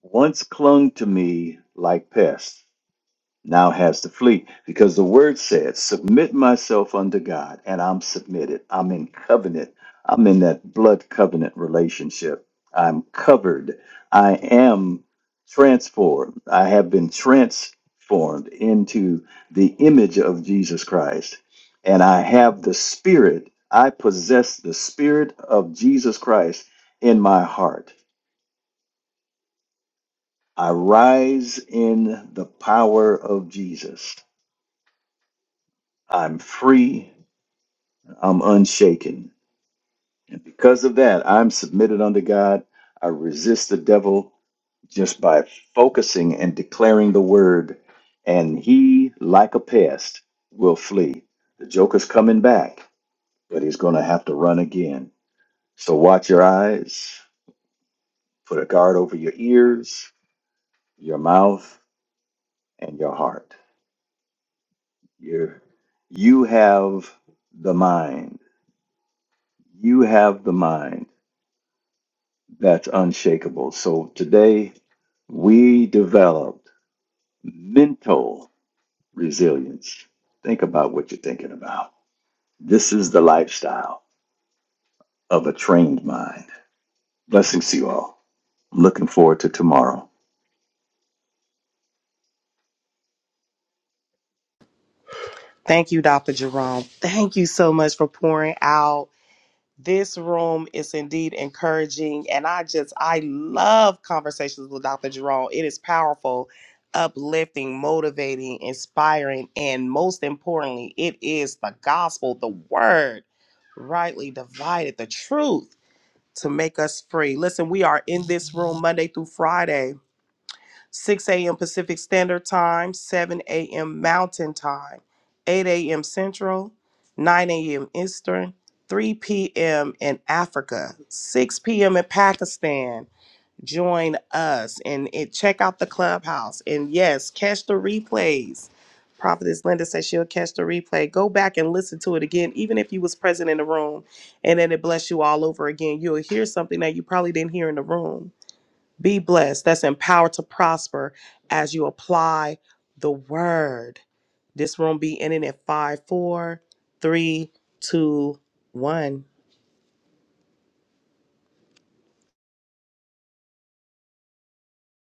[SPEAKER 6] once clung to me like pests now has to flee because the word said, Submit myself unto God, and I'm submitted. I'm in covenant. I'm in that blood covenant relationship. I'm covered. I am transformed. I have been transformed into the image of Jesus Christ. And I have the Spirit. I possess the Spirit of Jesus Christ in my heart. I rise in the power of Jesus. I'm free. I'm unshaken. And because of that, I'm submitted unto God. I resist the devil just by focusing and declaring the word. And he, like a pest, will flee. The joker's coming back, but he's going to have to run again. So watch your eyes, put a guard over your ears, your mouth, and your heart. You're, you have the mind. You have the mind. That's unshakable. So today we developed mental resilience. Think about what you're thinking about. This is the lifestyle of a trained mind. Blessings to you all. I'm Looking forward to tomorrow.
[SPEAKER 2] thank you, Dr. Jerome. Thank you so much for pouring out. this room is indeed encouraging and i just i love conversations with dr jerome it is powerful uplifting motivating inspiring and most importantly it is the gospel the word rightly divided the truth to make us free listen we are in this room monday through friday 6 a.m. Pacific Standard Time, 7 a.m. Mountain Time, 8 a.m. Central, 9 a.m. Eastern, 3 p.m. in Africa, 6 p.m. in Pakistan. Join us and, and check out the clubhouse. And yes, catch the replays. Prophetess Linda says she'll catch the replay. Go back and listen to it again, even if you was present in the room, and then it bless you all over again. You'll hear something that you probably didn't hear in the room be blessed. That's empowered to prosper as you apply the word. This room be ending at five, four, three, two, one.